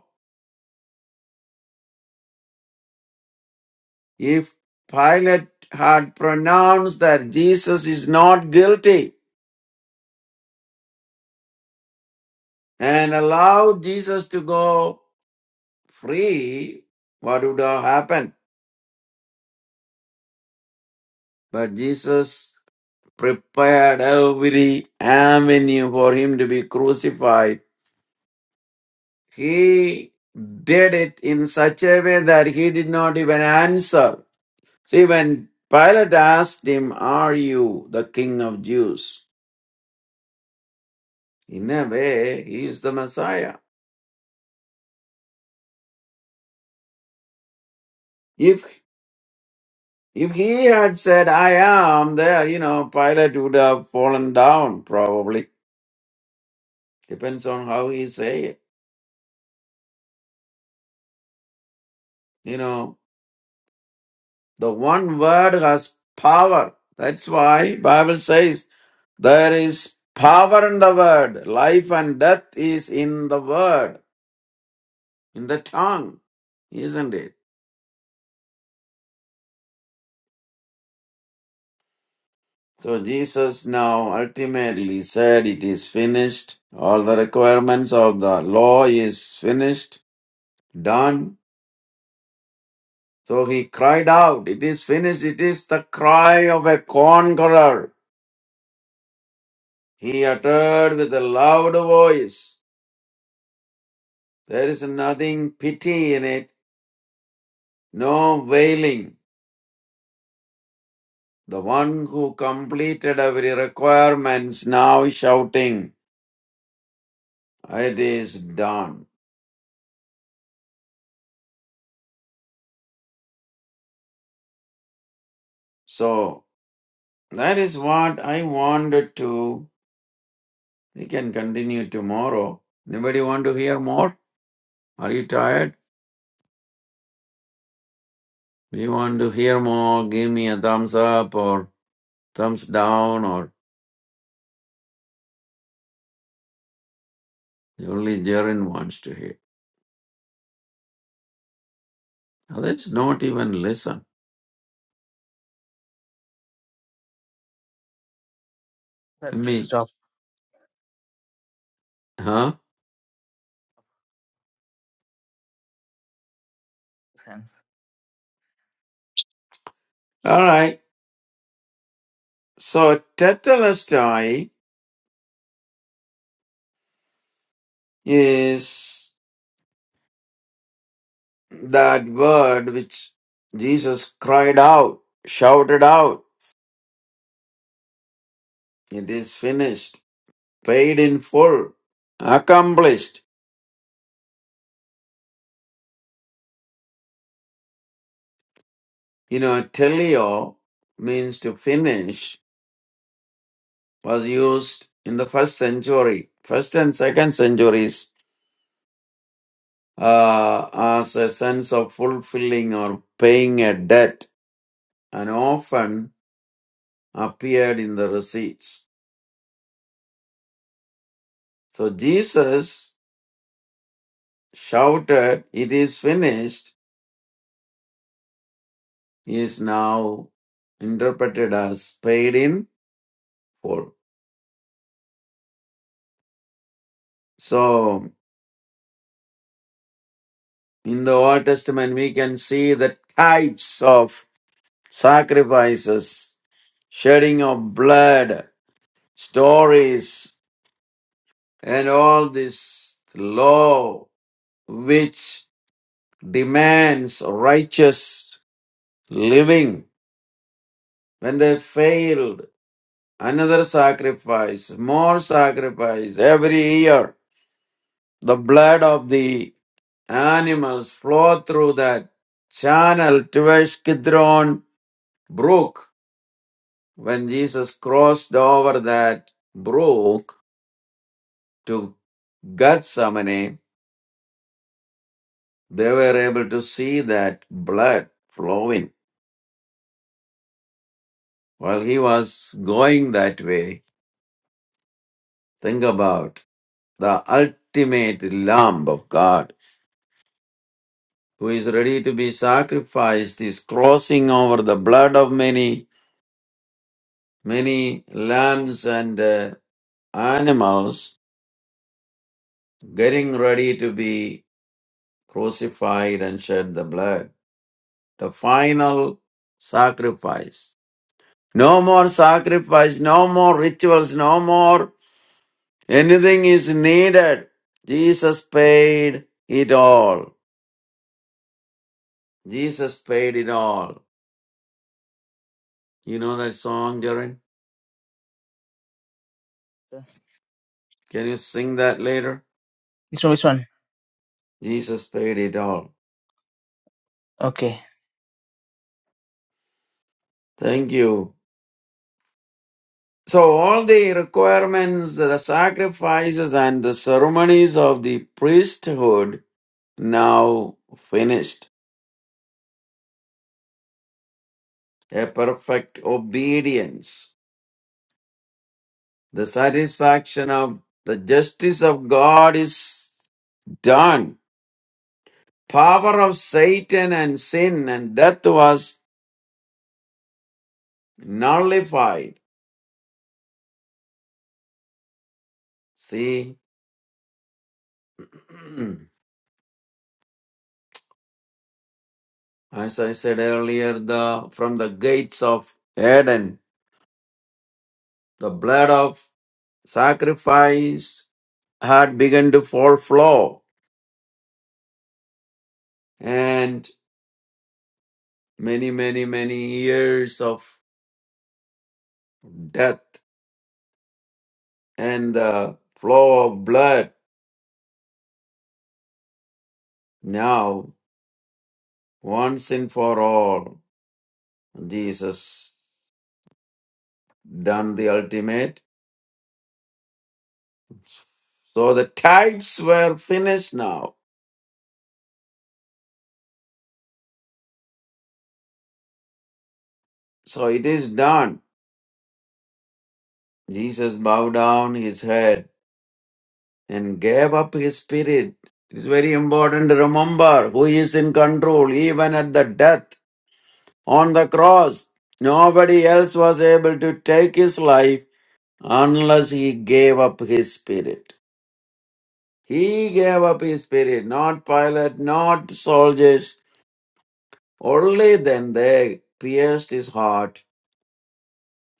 S2: If Pilate had pronounced that Jesus is not guilty and allowed Jesus to go free, what would have happened? But Jesus prepared every avenue for him to be crucified. He did it in such a way that he did not even answer. See, when Pilate asked him, Are you the king of Jews? In a way, he is the Messiah. If If he had said, I am there, you know, Pilate would have fallen down, probably. Depends on how he say it. You know, the one word has power. That's why Bible says there is power in the word. Life and death is in the word, in the tongue, isn't it? So Jesus now ultimately said it is finished. All the requirements of the law is finished, done So he cried out, It is finished, it is the cry of a conqueror. He uttered with a loud voice, There is nothing pity in it, no wailing. The one who completed every requirements now shouting, It is done. So that is what I wanted to. We can continue tomorrow. Anybody want to hear more? Are you tired? Do you want to hear more? Give me a thumbs up or thumbs down or only Jaren wants to hear. Others not even listen.
S1: sir.
S2: I mean,
S1: Stop.
S2: huh?
S1: Sense.
S2: All right. So tetelestai is that word which Jesus cried out, shouted out, it is finished, paid in full, accomplished. You know, teleo means to finish was used in the first century, first and second centuries uh, as a sense of fulfilling or paying a debt and often appeared in the receipts. So Jesus shouted, It is finished, is now interpreted as paid in full. So in the Old Testament, we can see the types of sacrifices, shedding of blood, stories, and all this law which demands righteous living. When they failed, another sacrifice, more sacrifice every year. The blood of the animals flowed through that channel towards Kidron Brook. When Jesus crossed over that brook to Gethsemane, they were able to see that blood flowing. While he was going that way, think about the ultimate Lamb of God, who is ready to be sacrificed, is crossing over the blood of many, many lambs and uh, animals, getting ready to be crucified and shed the blood. The final sacrifice. No more sacrifice, no more rituals, no more anything is needed. Jesus paid it all. Jesus paid it all. You know that song, Jaren? Can you sing that later?
S1: Which one? Which one?
S2: Jesus paid it all.
S1: Okay.
S2: Thank you. So, all the requirements, the sacrifices, and the ceremonies of the priesthood now finished. A perfect obedience. The satisfaction of the justice of God is done. Power of Satan and sin and death was nullified. See, As I said earlier, the from the gates of Eden, the blood of sacrifice had begun to fall flow, and many, many, many years of death and the flow of blood. Now, once and for all, Jesus done the ultimate. So the types were finished now. So it is done. Jesus bowed down his head and gave up his spirit. It is very important to remember who is in control even at the death on the cross. Nobody else was able to take his life unless he gave up his spirit. He gave up his spirit, not Pilate, not soldiers. Only then they pierced his heart,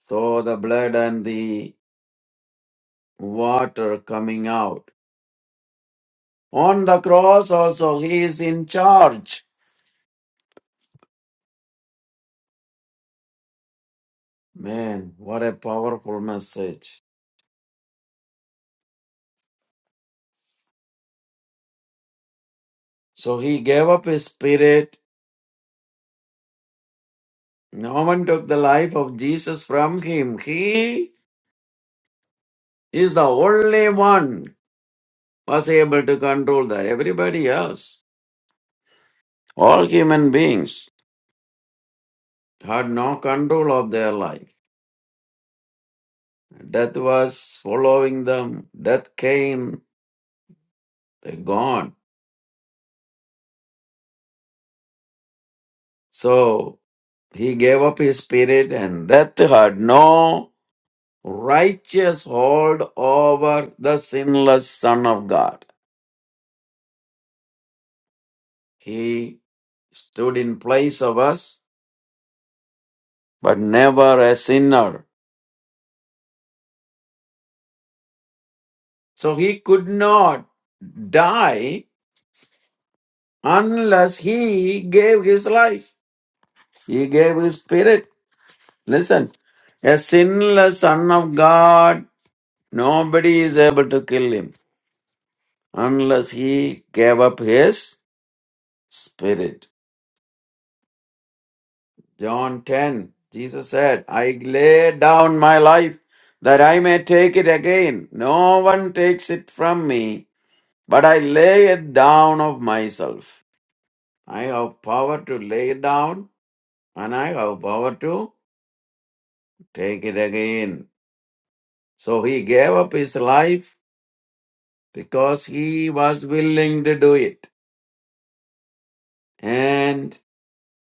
S2: saw the blood and the water coming out. On the cross also, he is in charge. Man, what a powerful message. So he gave up his spirit. No one took the life of Jesus from him. He is the only one was able to control that. Everybody else, all human beings, had no control of their life. Death was following them. Death came, they gone. So he gave up his spirit and death had no righteous hold over the sinless Son of God. He stood in place of us, but never a sinner. So he could not die unless he gave his life. He gave his spirit. Listen, a sinless Son of God, nobody is able to kill him unless he gave up his spirit. John 10, Jesus said, I lay down my life that I may take it again. No one takes it from me, but I lay it down of myself. I have power to lay it down and I have power to take it again. So he gave up his life because he was willing to do it and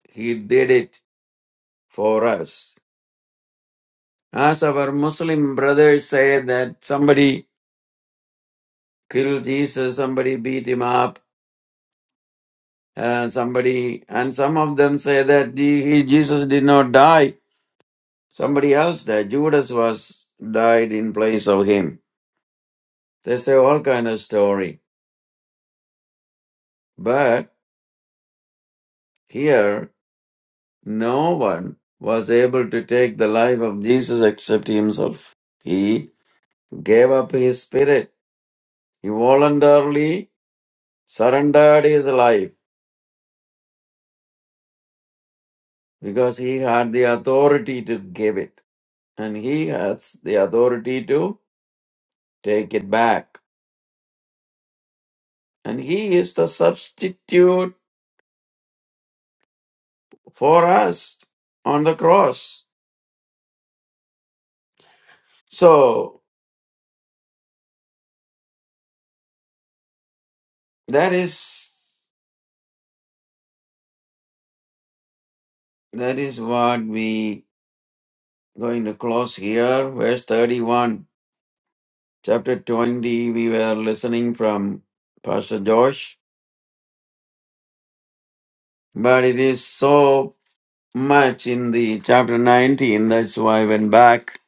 S2: he did it for us. As our Muslim brothers say that somebody kill Jesus, somebody beat him up, uh, somebody, and some of them say that the- he, Jesus did not die. Somebody else died. Judas was died in place of him. They say all kind of story. But here, no one was able to take the life of Jesus except himself. He gave up his spirit. He voluntarily surrendered his life because he had the authority to give it. And he has the authority to take it back. And he is the substitute for us on the cross. So that is that is what we going to close here. Verse 31, chapter 20, we were listening from Pastor Josh. But it is so much in the chapter 19, that's why I went back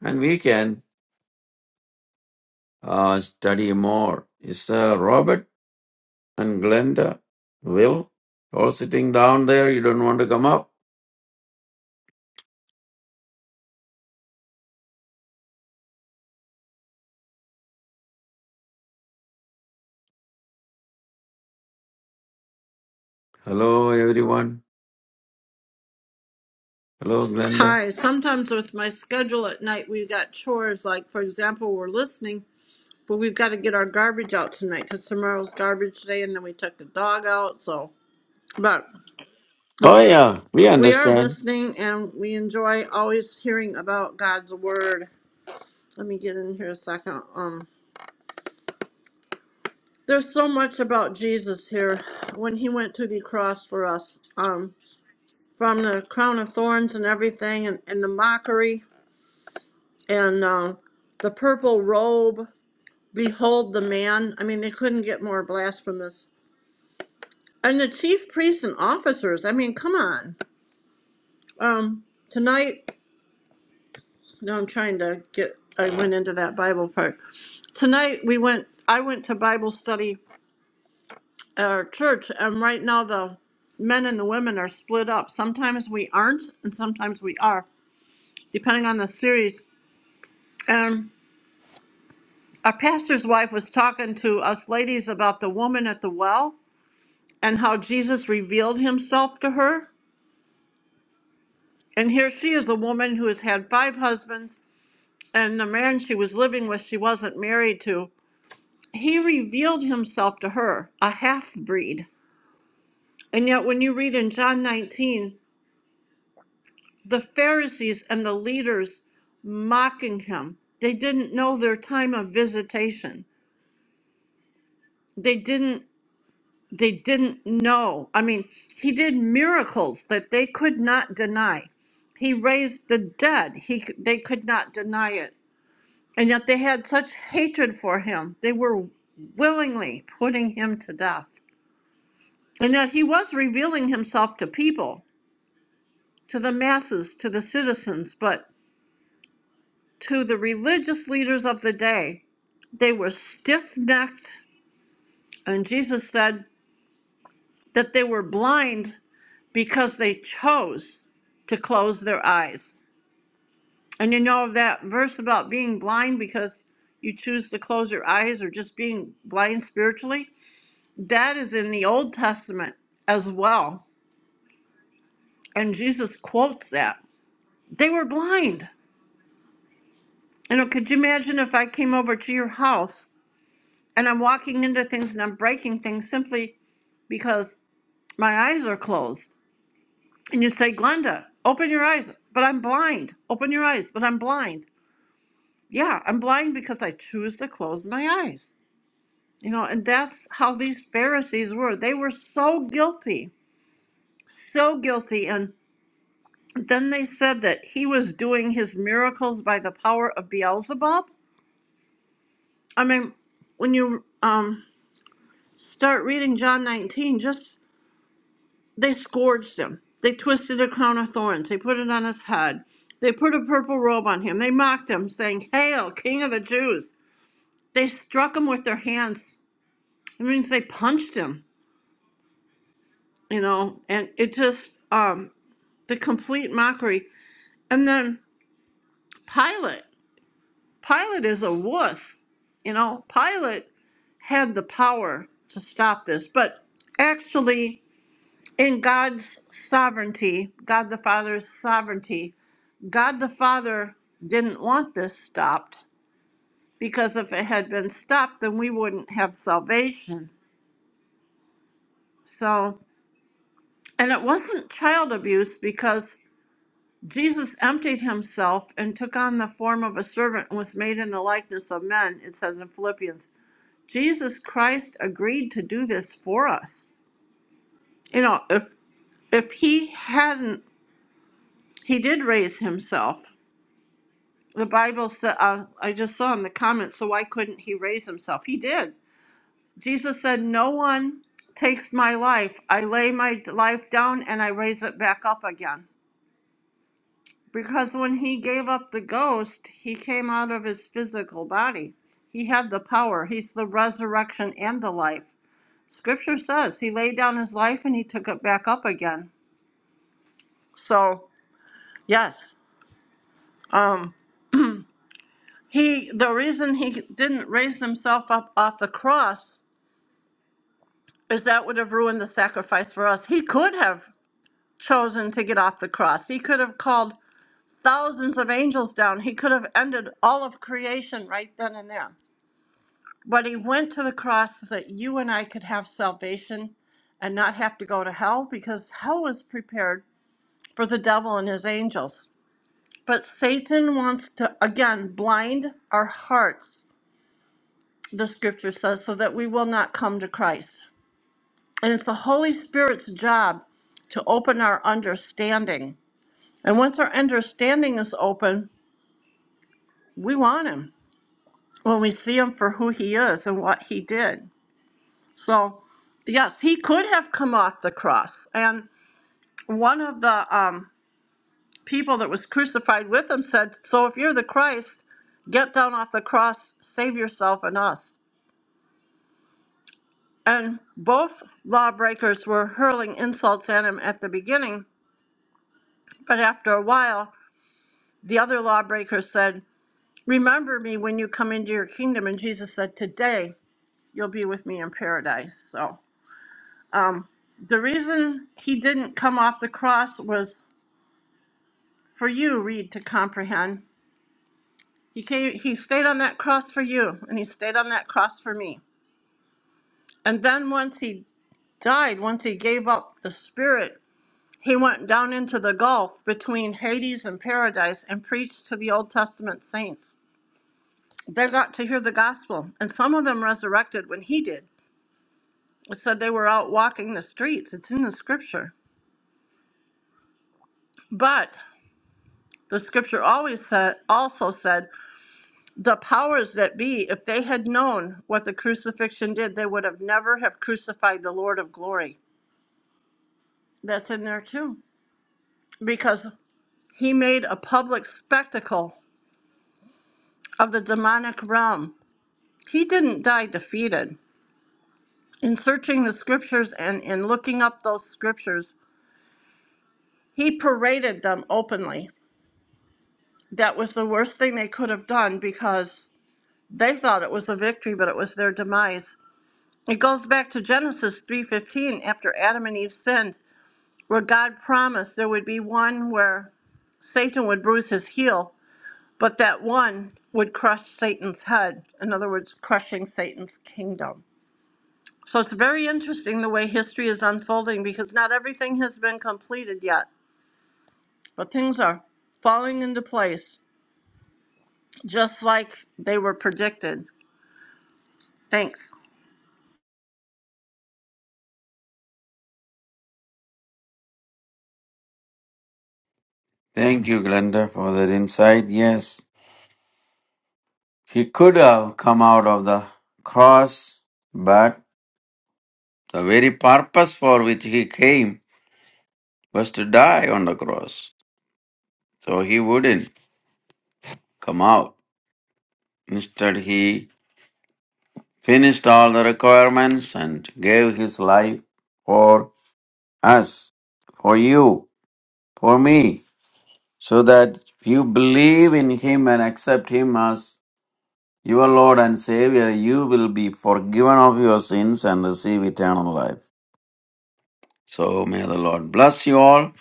S2: and we can uh, study more. Is uh, Robert and Glenda, Will, all sitting down there. You don't want to come up? Hello, everyone. Hello, Glenda.
S4: Hi. Sometimes with my schedule at night, we've got chores. Like, for example, we're listening, but we've got to get our garbage out tonight because tomorrow's garbage day, and then we took the dog out. So, but we
S2: Oh, yeah, we
S4: we are
S2: understand.
S4: listening and we enjoy always hearing about God's word. Let me get in here a second. Um, there's so much about Jesus here when he went to the cross for us. Um, from the crown of thorns and everything, and, and the mockery, and um, the purple robe. Behold the man. I mean, they couldn't get more blasphemous. And the chief priests and officers. I mean, come on. Um, tonight, no, I'm trying to get. I went into that Bible part. Tonight we went. I went to Bible study at our church, and right now the men and the women are split up. Sometimes we aren't, and sometimes we are, depending on the series. And our pastor's wife was talking to us ladies about the woman at the well and how Jesus revealed himself to her And here she is a woman who has had five husbands, and the man she was living with, she wasn't married to. He revealed himself to her, a half breed. And yet, when you read in John 19, the Pharisees and the leaders mocking him, they didn't know their time of visitation. They didn't they didn't know. I mean, he did miracles that they could not deny. He raised the dead. He they could not deny it And yet they had such hatred for him. They were willingly putting him to death. And yet he was revealing himself to people, to the masses, to the citizens, but to the religious leaders of the day. They were stiff necked, and Jesus said that they were blind because they chose to close their eyes. And you know that verse about being blind because you choose to close your eyes or just being blind spiritually? That is in the Old Testament as well. And Jesus quotes that. They were blind. You know, could you imagine if I came over to your house and I'm walking into things and I'm breaking things simply because my eyes are closed? And you say, Glenda, open your eyes, but I'm blind. Open your eyes, but I'm blind. Yeah, I'm blind because I choose to close my eyes. You know, and that's how these Pharisees were. They were so guilty, so guilty. and. Then they said that he was doing his miracles by the power of Beelzebub. I mean, when you um, start reading John 19, just they scourged him. They twisted a crown of thorns. They put it on his head. They put a purple robe on him. They mocked him, saying, Hail, King of the Jews. They struck him with their hands. It means they punched him, you know, and it just, um, the complete mockery. And then Pilate. Pilate is a wuss. You know, Pilate had the power to stop this. But actually, in God's sovereignty, God the Father's sovereignty, God the Father didn't want this stopped because if it had been stopped, then we wouldn't have salvation. So, and it wasn't child abuse because Jesus emptied himself and took on the form of a servant and was made in the likeness of men, it says in Philippians. Jesus Christ agreed to do this for us. You know, if if he hadn't, he did raise himself. The Bible said, uh, I just saw in the comments, so why couldn't he raise himself? He did. Jesus said, No one takes my life. I lay my life down and I raise it back up again. Because when he gave up the ghost, he came out of his physical body. He had the power. He's the resurrection and the life. Scripture says he laid down his life and he took it back up again. So, yes. Um, He, the reason he didn't raise himself up off the cross is that would have ruined the sacrifice for us. He could have chosen to get off the cross. He could have called thousands of angels down. He could have ended all of creation right then and there. But he went to the cross so that you and I could have salvation and not have to go to hell because hell was prepared for the devil and his angels. But Satan wants to, again, blind our hearts the scripture says, so that we will not come to Christ. And it's the Holy Spirit's job to open our understanding. And once our understanding is open, we want Him when we see Him for who He is and what He did. So, yes, He could have come off the cross. And one of the um, people that was crucified with Him said, So if you're the Christ, get down off the cross, save yourself and us. And both lawbreakers were hurling insults at him at the beginning, but after a while, the other lawbreaker said, Remember me when you come into your kingdom. And Jesus said, Today you'll be with me in paradise. So um, the reason he didn't come off the cross was for you, Reed, to comprehend. He, came, he stayed on that cross for you, and he stayed on that cross for me. And then once he died, once he gave up the spirit He went down into the gulf between Hades and paradise and preached to the Old Testament saints. They got to hear the gospel, and some of them resurrected when he did. It said they were out walking the streets. It's in the scripture. But the scripture always said also said the powers that be, if they had known what the crucifixion did, they would have never have crucified the Lord of glory. That's in there too. Because he made a public spectacle of the demonic realm He didn't die defeated. In searching the scriptures and in looking up those scriptures, he paraded them openly. That was the worst thing they could have done because they thought it was a victory, but it was their demise. It goes back to Genesis 3:15 after Adam and Eve sinned, where God promised there would be one where Satan would bruise his heel, but that one would crush Satan's head, in other words, crushing Satan's kingdom. So it's very interesting the way history is unfolding because not everything has been completed yet, but things are falling into place just like they were predicted. Thanks.
S2: Thank you, Glenda, for that insight. Yes, he could have come out of the cross, but the very purpose for which he came was to die on the cross. So he wouldn't come out. Instead, he finished all the requirements and gave his life for us, for you. for me, so that you believe in him and accept him as your Lord and Savior, you will be forgiven of your sins and receive eternal life. So may the Lord bless you all.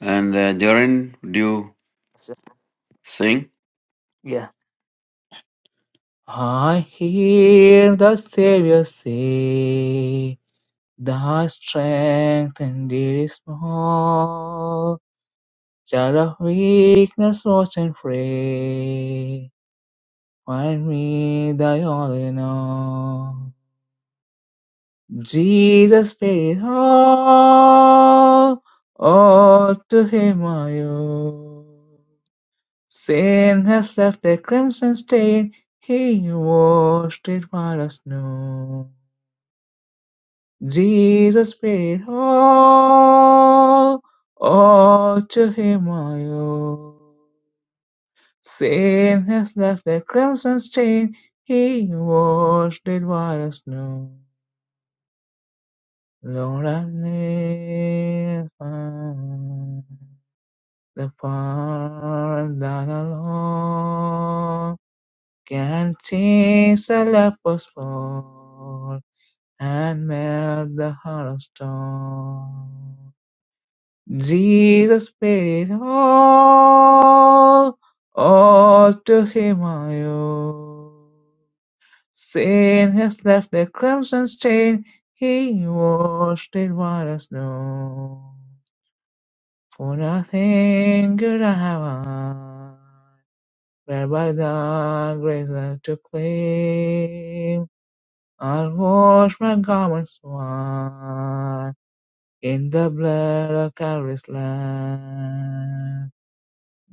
S2: And uh, Jaren, do you
S1: Pastor.
S2: sing?
S1: Yeah. I hear the Savior say. Thy strength indeed is small, child of weakness, watch and pray. Find me thy all in all. Jesus paid it all, all to him I owe. Sin has left a crimson stain, he washed it white as snow. Jesus paid all, all to him I owe. Sin has left a crimson stain, he washed it white as snow. Lord, I live found the fire that alone can change a leper's fall and melt the heart of stone. Jesus paid it all, all to him I owe. Sin has left a crimson stain, he washed it white as snow. For nothing good I have I, but by thy grace I to claim. I'll wash my garments white in the blood of Calvary's Lamb.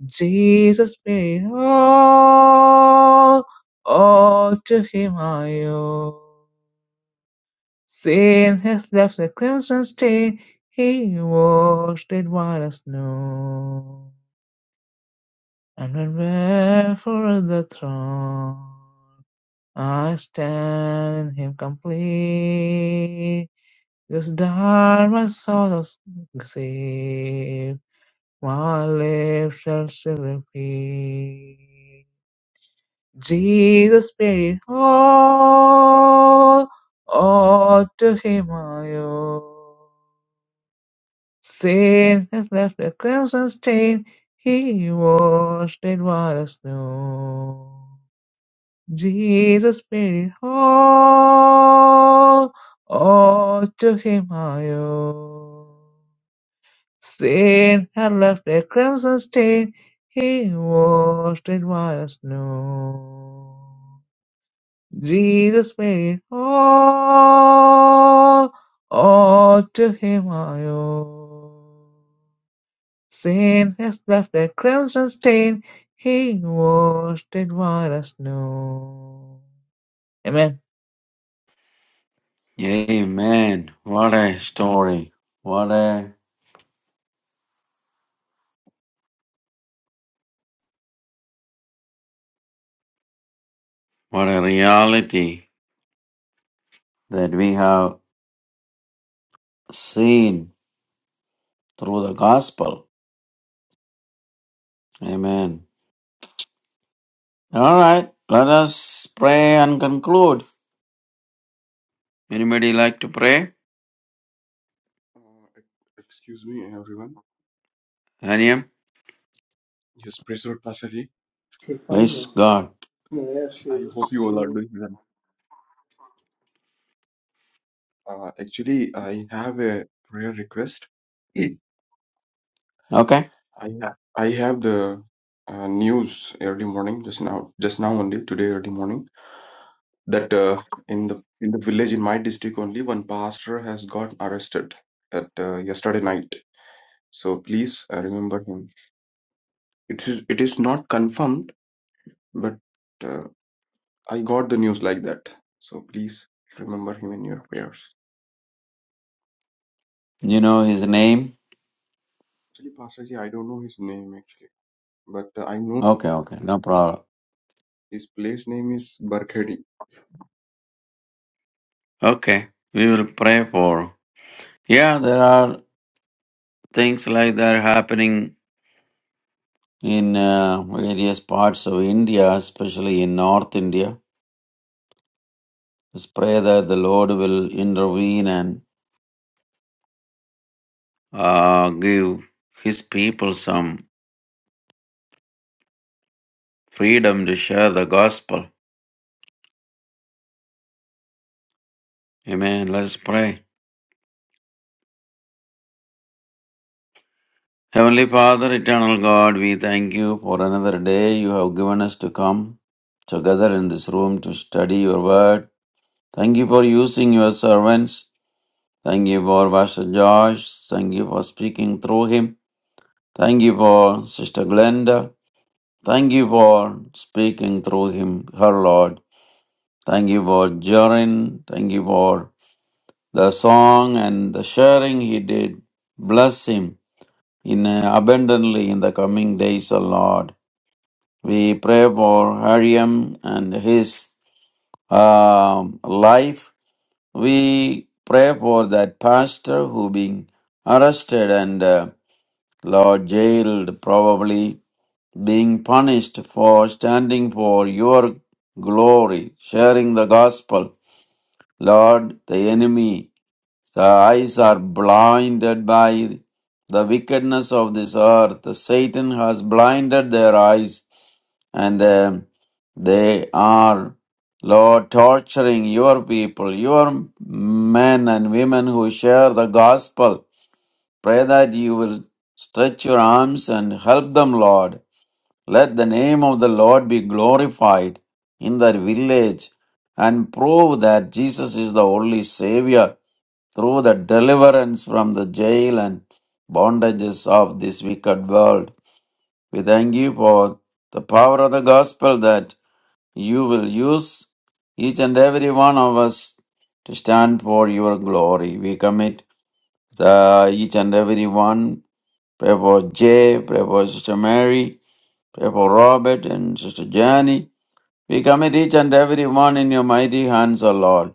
S1: Jesus paid all, all to him I owe. Sin has left the crimson stain, he washed it white as snow. And when before the throne, I stand in him complete. This dark my soul of sin, my lips shall still repeat. Jesus paid all, all to him I owe. Sin has left a crimson stain, he washed it white as snow. Jesus paid it all, all to him I owe. Sin had left a crimson stain, he washed it white as snow. Jesus made all, all to him I owe. Sin has left a crimson stain, he washed it white as snow. Amen.
S2: Amen. What a story. What a what a reality that we have seen through the gospel. Amen. All right. Let us pray and conclude. Anybody like to pray?
S5: Uh, ex- excuse me, everyone.
S2: Haniam?
S5: Yes, praise the Lord, Pastor Lee.
S4: Okay,
S2: Praise
S4: finally,
S2: God.
S4: I'm going to ask
S5: I
S4: you,
S5: hope you all are
S4: see,
S5: doing well. Uh, actually, I have a prayer request. Mm.
S2: Okay.
S5: I have I have the uh, news early morning just now, just now only today early morning that uh, in the in the village in my district only one pastor has got arrested at uh, yesterday night. So please uh, remember him. It is it is not confirmed, but. uh, I got the news like that. So please remember him in your prayers.
S2: You know his name?
S5: Actually, Pastor Ji, I don't know his name actually, but uh, I know
S2: Okay, okay. No problem.
S5: his place name is Barkhedi.
S2: Okay. We will pray for. Yeah, there are things like that happening in uh, various parts of India, especially in North India. Let's pray that the Lord will intervene and uh, give his people some freedom to share the gospel. Amen. Let us pray. Heavenly Father, eternal God, we thank you for another day you have given us to come together in this room to study your word. Thank you for using your servants. Thank you for Pastor Josh. Thank you for speaking through him. Thank you for Sister Glenda. Thank you for speaking through him, her Lord. Thank you for Jorin. Thank you for the song and the sharing he did. Bless him in uh, abundantly in the coming days, O Lord. We pray for Hariam and his um, life. We pray for that pastor who being arrested and uh, Lord jailed, probably being punished for standing for your glory, sharing the gospel. Lord, the enemy, the eyes are blinded by the wickedness of this earth. Satan has blinded their eyes and um, they are, Lord, torturing your people, your men and women who share the gospel. Pray that you will stretch your arms and help them, Lord. Let the name of the Lord be glorified in their village and prove that Jesus is the only Savior through the deliverance from the jail and bondages of this wicked world. We thank you for the power of the gospel that you will use each and every one of us to stand for your glory. We commit the, each and every one. Pray for Jay, pray for Sister Mary, pray for Robert and Sister Jenny. We commit each and every one in your mighty hands, O Lord.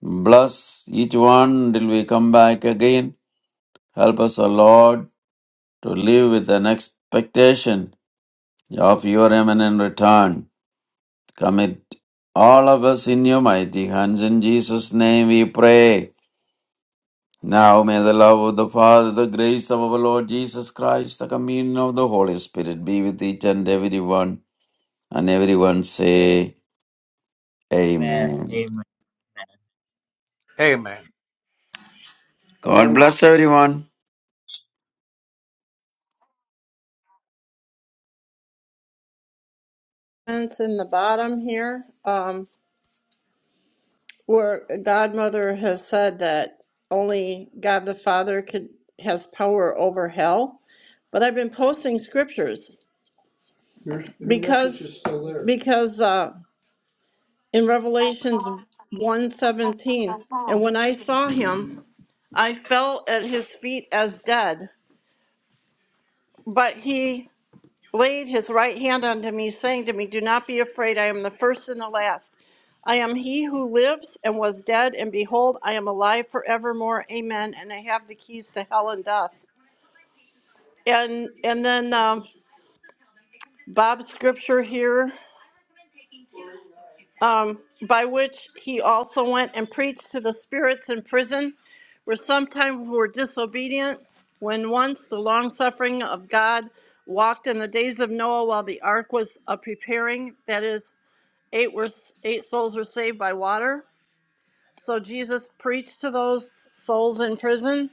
S2: Bless each one till we come back again. Help us, O Lord, to live with an expectation of your imminent return. Commit all of us in your mighty hands. In Jesus' name we pray. Now may the love of the Father, the grace of our Lord Jesus Christ, the communion of the Holy Spirit be with each and everyone. And everyone say,
S1: Amen.
S2: Amen.
S1: Amen.
S2: God
S4: um,
S2: bless everyone.
S4: Comments in the bottom here, um, where Godmother has said that only God the Father could has power over hell. But I've been posting scriptures your, your message because is still there. because uh, in Revelations one seventeen, And when I saw him, I fell at his feet as dead. But he laid his right hand unto me, saying to me, Do not be afraid, I am the first and the last. I am he who lives and was dead, and behold, I am alive forevermore. Amen. And I have the keys to hell and death. And and then um, Bob's scripture here. um, by which he also went and preached to the spirits in prison, where sometimes were disobedient, when once the long suffering of God walked in the days of Noah while the ark was a preparing, that is, eight were eight souls were saved by water. So Jesus preached to those souls in prison.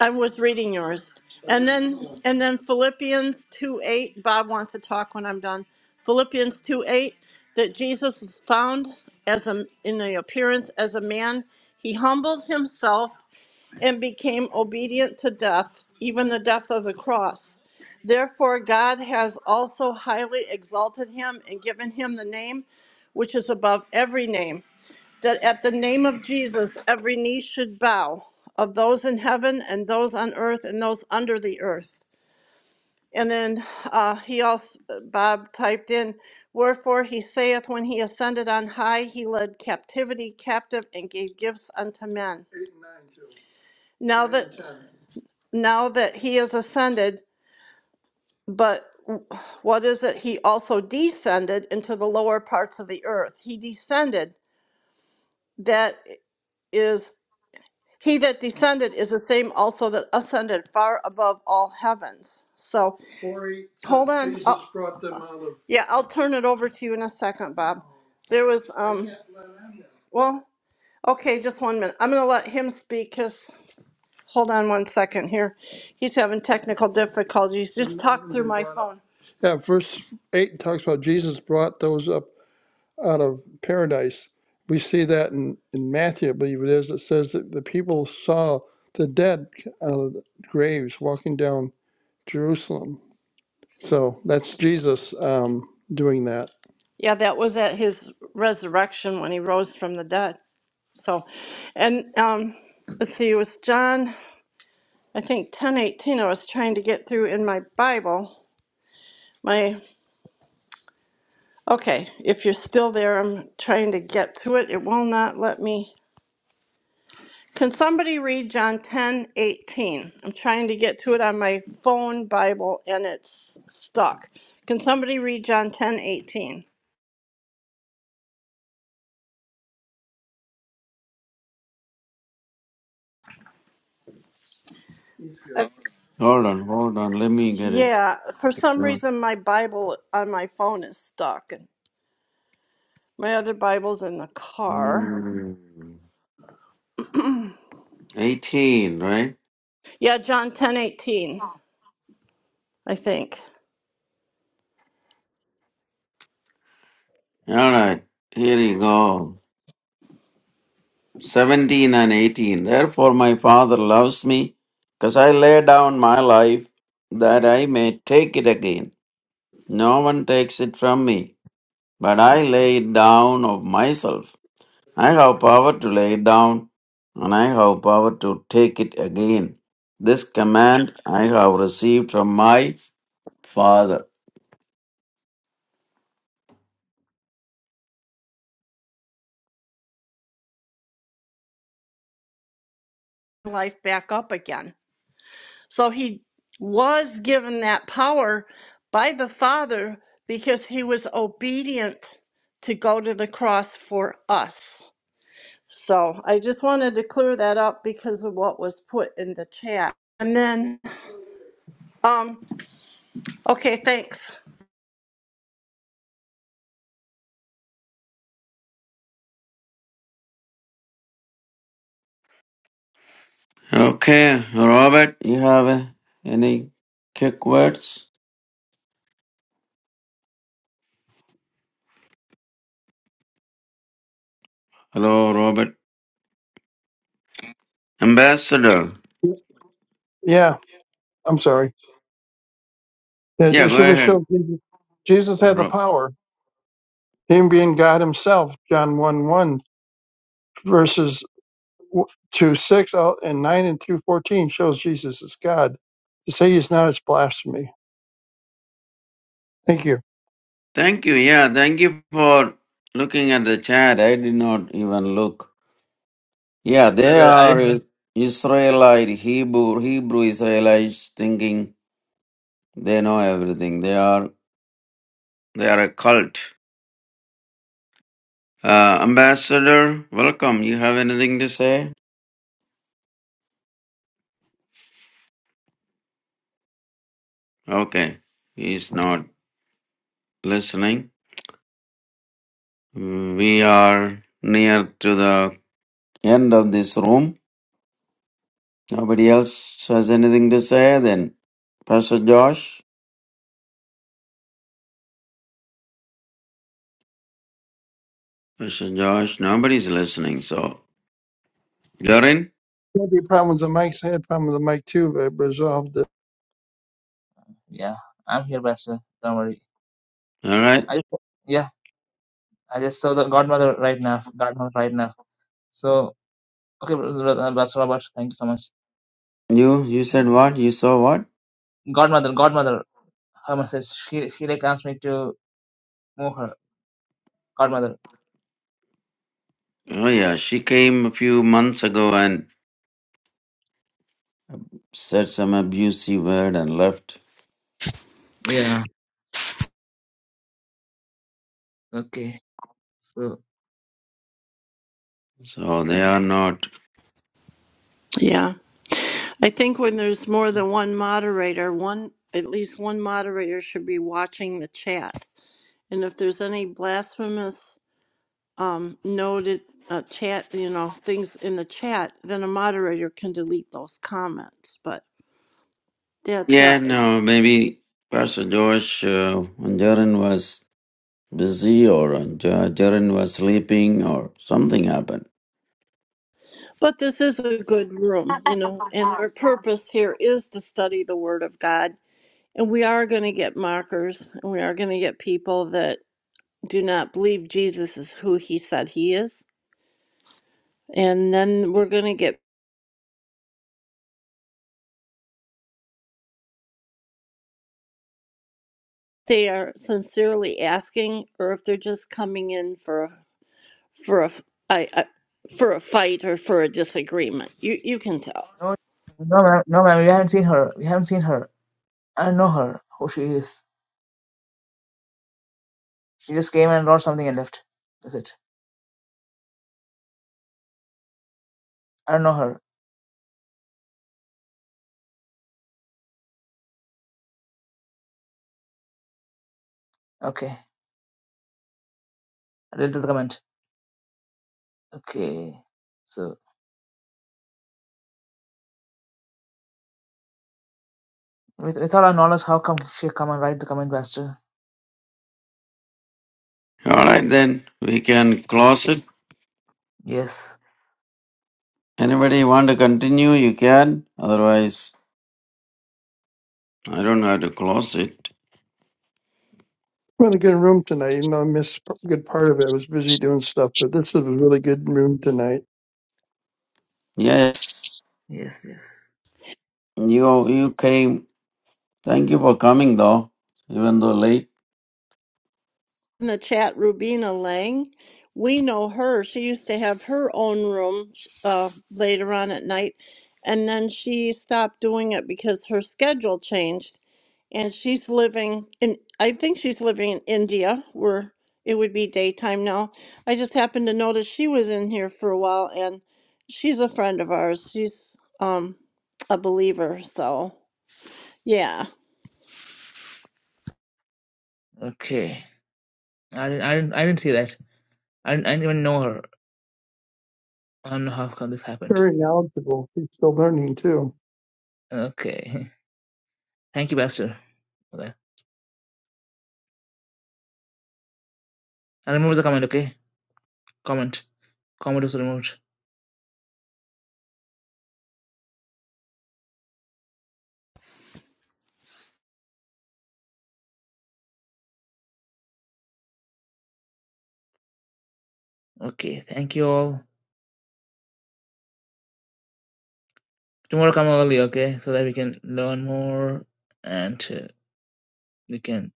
S4: I was reading yours. And then and then Philippians 2 8, Bob wants to talk when I'm done. Philippians 2 8, that Jesus is found as a in the appearance as a man. He humbled himself and became obedient to death, even the death of the cross. Therefore God has also highly exalted him and given him the name which is above every name that at the name of Jesus, every knee should bow of those in heaven and those on earth and those under the earth. And then uh, he also, Bob typed in, Wherefore he saith, When he ascended on high, he led captivity captive and gave gifts unto men. Eight and nine, too. Now Nine that and ten. now that he is ascended, but what is it? He also descended into the lower parts of the earth. He descended. That is He that descended is the same also that ascended far above all heavens. So Corey, hold on. Jesus Oh, brought them out of yeah, I'll turn it over to you in a second, Bob. There was um. Well, okay, just one minute. I'm going to let him speak because, hold on one second here. He's having technical difficulties. Just talk through my phone. Yeah, verse eight talks about Jesus brought those up of paradise. We see that in, in Matthew, I believe it is, it says that the people saw the dead out of the graves walking down Jerusalem. So that's Jesus um, doing that. Yeah, that was at his resurrection when he rose from the dead. So, and um, let's see, it was John, I think ten eighteen. I was trying to get through in my Bible. My okay, if you're still there, I'm trying to get to it. It will not let me. Can somebody read John 10:18? I'm trying to get to it on my phone Bible and it's stuck. Can somebody read John 10:18? Yeah.
S2: Hold on, hold on. Let me get it.
S4: yeah, for some
S2: Yeah.
S4: reason my Bible on my phone is stuck and my other Bible's in the car.
S2: Hmm. 18, right?
S4: Yeah, John 10:18. I think.
S2: All right. Here you go. 17 and 18. Therefore, my Father loves me, because I lay down my life that I may take it again. No one takes it from me, but I lay it down of myself. I have power to lay it down, and I have power to take it again. This command I have received from my Father.
S4: Life back up again. So he was given that power by the Father because he was obedient to go to the cross for us. So I just wanted to clear that up because of what was put in the chat. And then, um, okay, thanks.
S2: Okay, Robert, you have uh, any quick words? Hello, Robert. Ambassador.
S6: Yeah, I'm sorry. Yeah,
S2: Yeah,
S6: this
S2: go
S6: should have
S2: ahead.
S6: showed Jesus. Jesus had the power, him being God himself. John 1 1 verses w- 2 6 out and 9 and through 14 shows Jesus is God. To say he's not is blasphemy. Thank you.
S2: Thank you. Yeah, thank you for looking at the chat. I did not even look. Yeah,
S1: Yes,
S2: they
S1: brother, I
S2: are
S1: didn't even.
S2: Is- Israelite Hebrew Hebrew Israelites thinking they know everything. They are they are a cult. Uh, Ambassador, welcome. You have anything to say? Okay, he's not listening. We are near to the end of this room. Nobody else has anything to say. Then, Pastor Josh. Mr. Josh, nobody's listening, so. Jorin?
S6: There be problems with mics. I had problems with the mic too, but I resolved it.
S1: Yeah, I'm here, Pastor. Don't worry.
S2: Alright.
S1: I just, yeah, I just saw the godmother right now. Godmother right now. So, okay, brother, Pastor Robert, thank you so much.
S2: You, you said what? You saw what?
S1: Godmother, godmother. Her mother says she she like asked me to move her godmother.
S2: Oh yeah, she came a few months ago and said some abusive word and left.
S1: Yeah. Okay. So
S2: So they are not.
S4: Yeah, I think when there's more than one moderator, one at least one moderator should be watching the chat. And if there's any blasphemous um, noted uh, chat, you know, things in the chat, then a moderator can delete those comments. But that's
S2: Yeah,
S4: uh,
S2: no, maybe Pastor Josh, uh, when Jorin was busy or uh, Jo- Jorin was sleeping or something happened.
S4: but this is a good room, you know, and our purpose here is to study the Word of God, and we are going to get mockers, and we are going to get people that do not believe Jesus is who He said He is, and then we're going to get they are sincerely asking, or if they're just coming in for for a f- I, I for a fight or for a disagreement. You you can tell.
S1: No, no, ma'am, no, ma'am. We haven't seen her. We haven't seen her. I don't know her. Who she is? She just came and wrote something and left. That's it. I don't know her. Okay. I did the comment. Okay. So with with all our knowledge, how come she come and write the comment, Master?
S2: Alright then, we can close it.
S1: Yes.
S2: Anybody want to continue? You can. Otherwise, I don't know how to close it.
S6: We're in a good room tonight, even though I missed a good part of it. I was busy doing stuff, but this is a really good room tonight.
S2: Yes.
S1: Yes. Yes.
S2: You you came. Thank you for coming though, even though late.
S4: In the chat, Rubina Lang, we know her. She used to have her own room uh, later on at night, and then she stopped doing it because her schedule changed. And she's living in I think she's living in India where it would be daytime now. I just happened to notice she was in here for a while, and she's a friend of ours. She's um a believer, so. Yeah,
S1: Okay. I didn't. I didn't. I didn't see that. I didn't, I didn't even know her. I don't know how come this happened.
S6: Very knowledgeable. He's still learning too.
S1: Okay. Thank you, pastor. Master. And remove the comment, okay? Comment. Comment was removed. Okay, thank you all. Tomorrow come early, okay? So that we can learn more and uh, we can.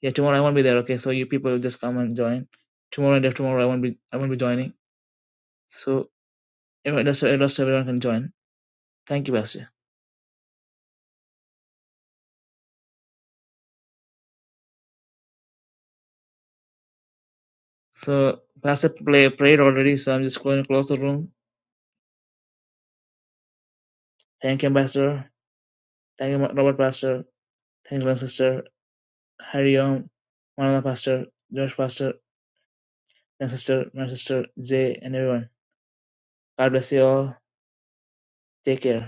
S1: Yeah, tomorrow I won't be there, okay? So you people will just come and join. Tomorrow and after tomorrow I won't be I won't be joining. So everyone, that's that's everyone can join. Thank you, Pastor. So Pastor play, prayed already, so I'm just going to close the room. Thank you, Pastor. Thank you, Robert Pastor. Thank you, my sister. Harry Young, Manana Pastor, George Pastor, my sister, my sister, Jay, and everyone. God bless you all. Take care.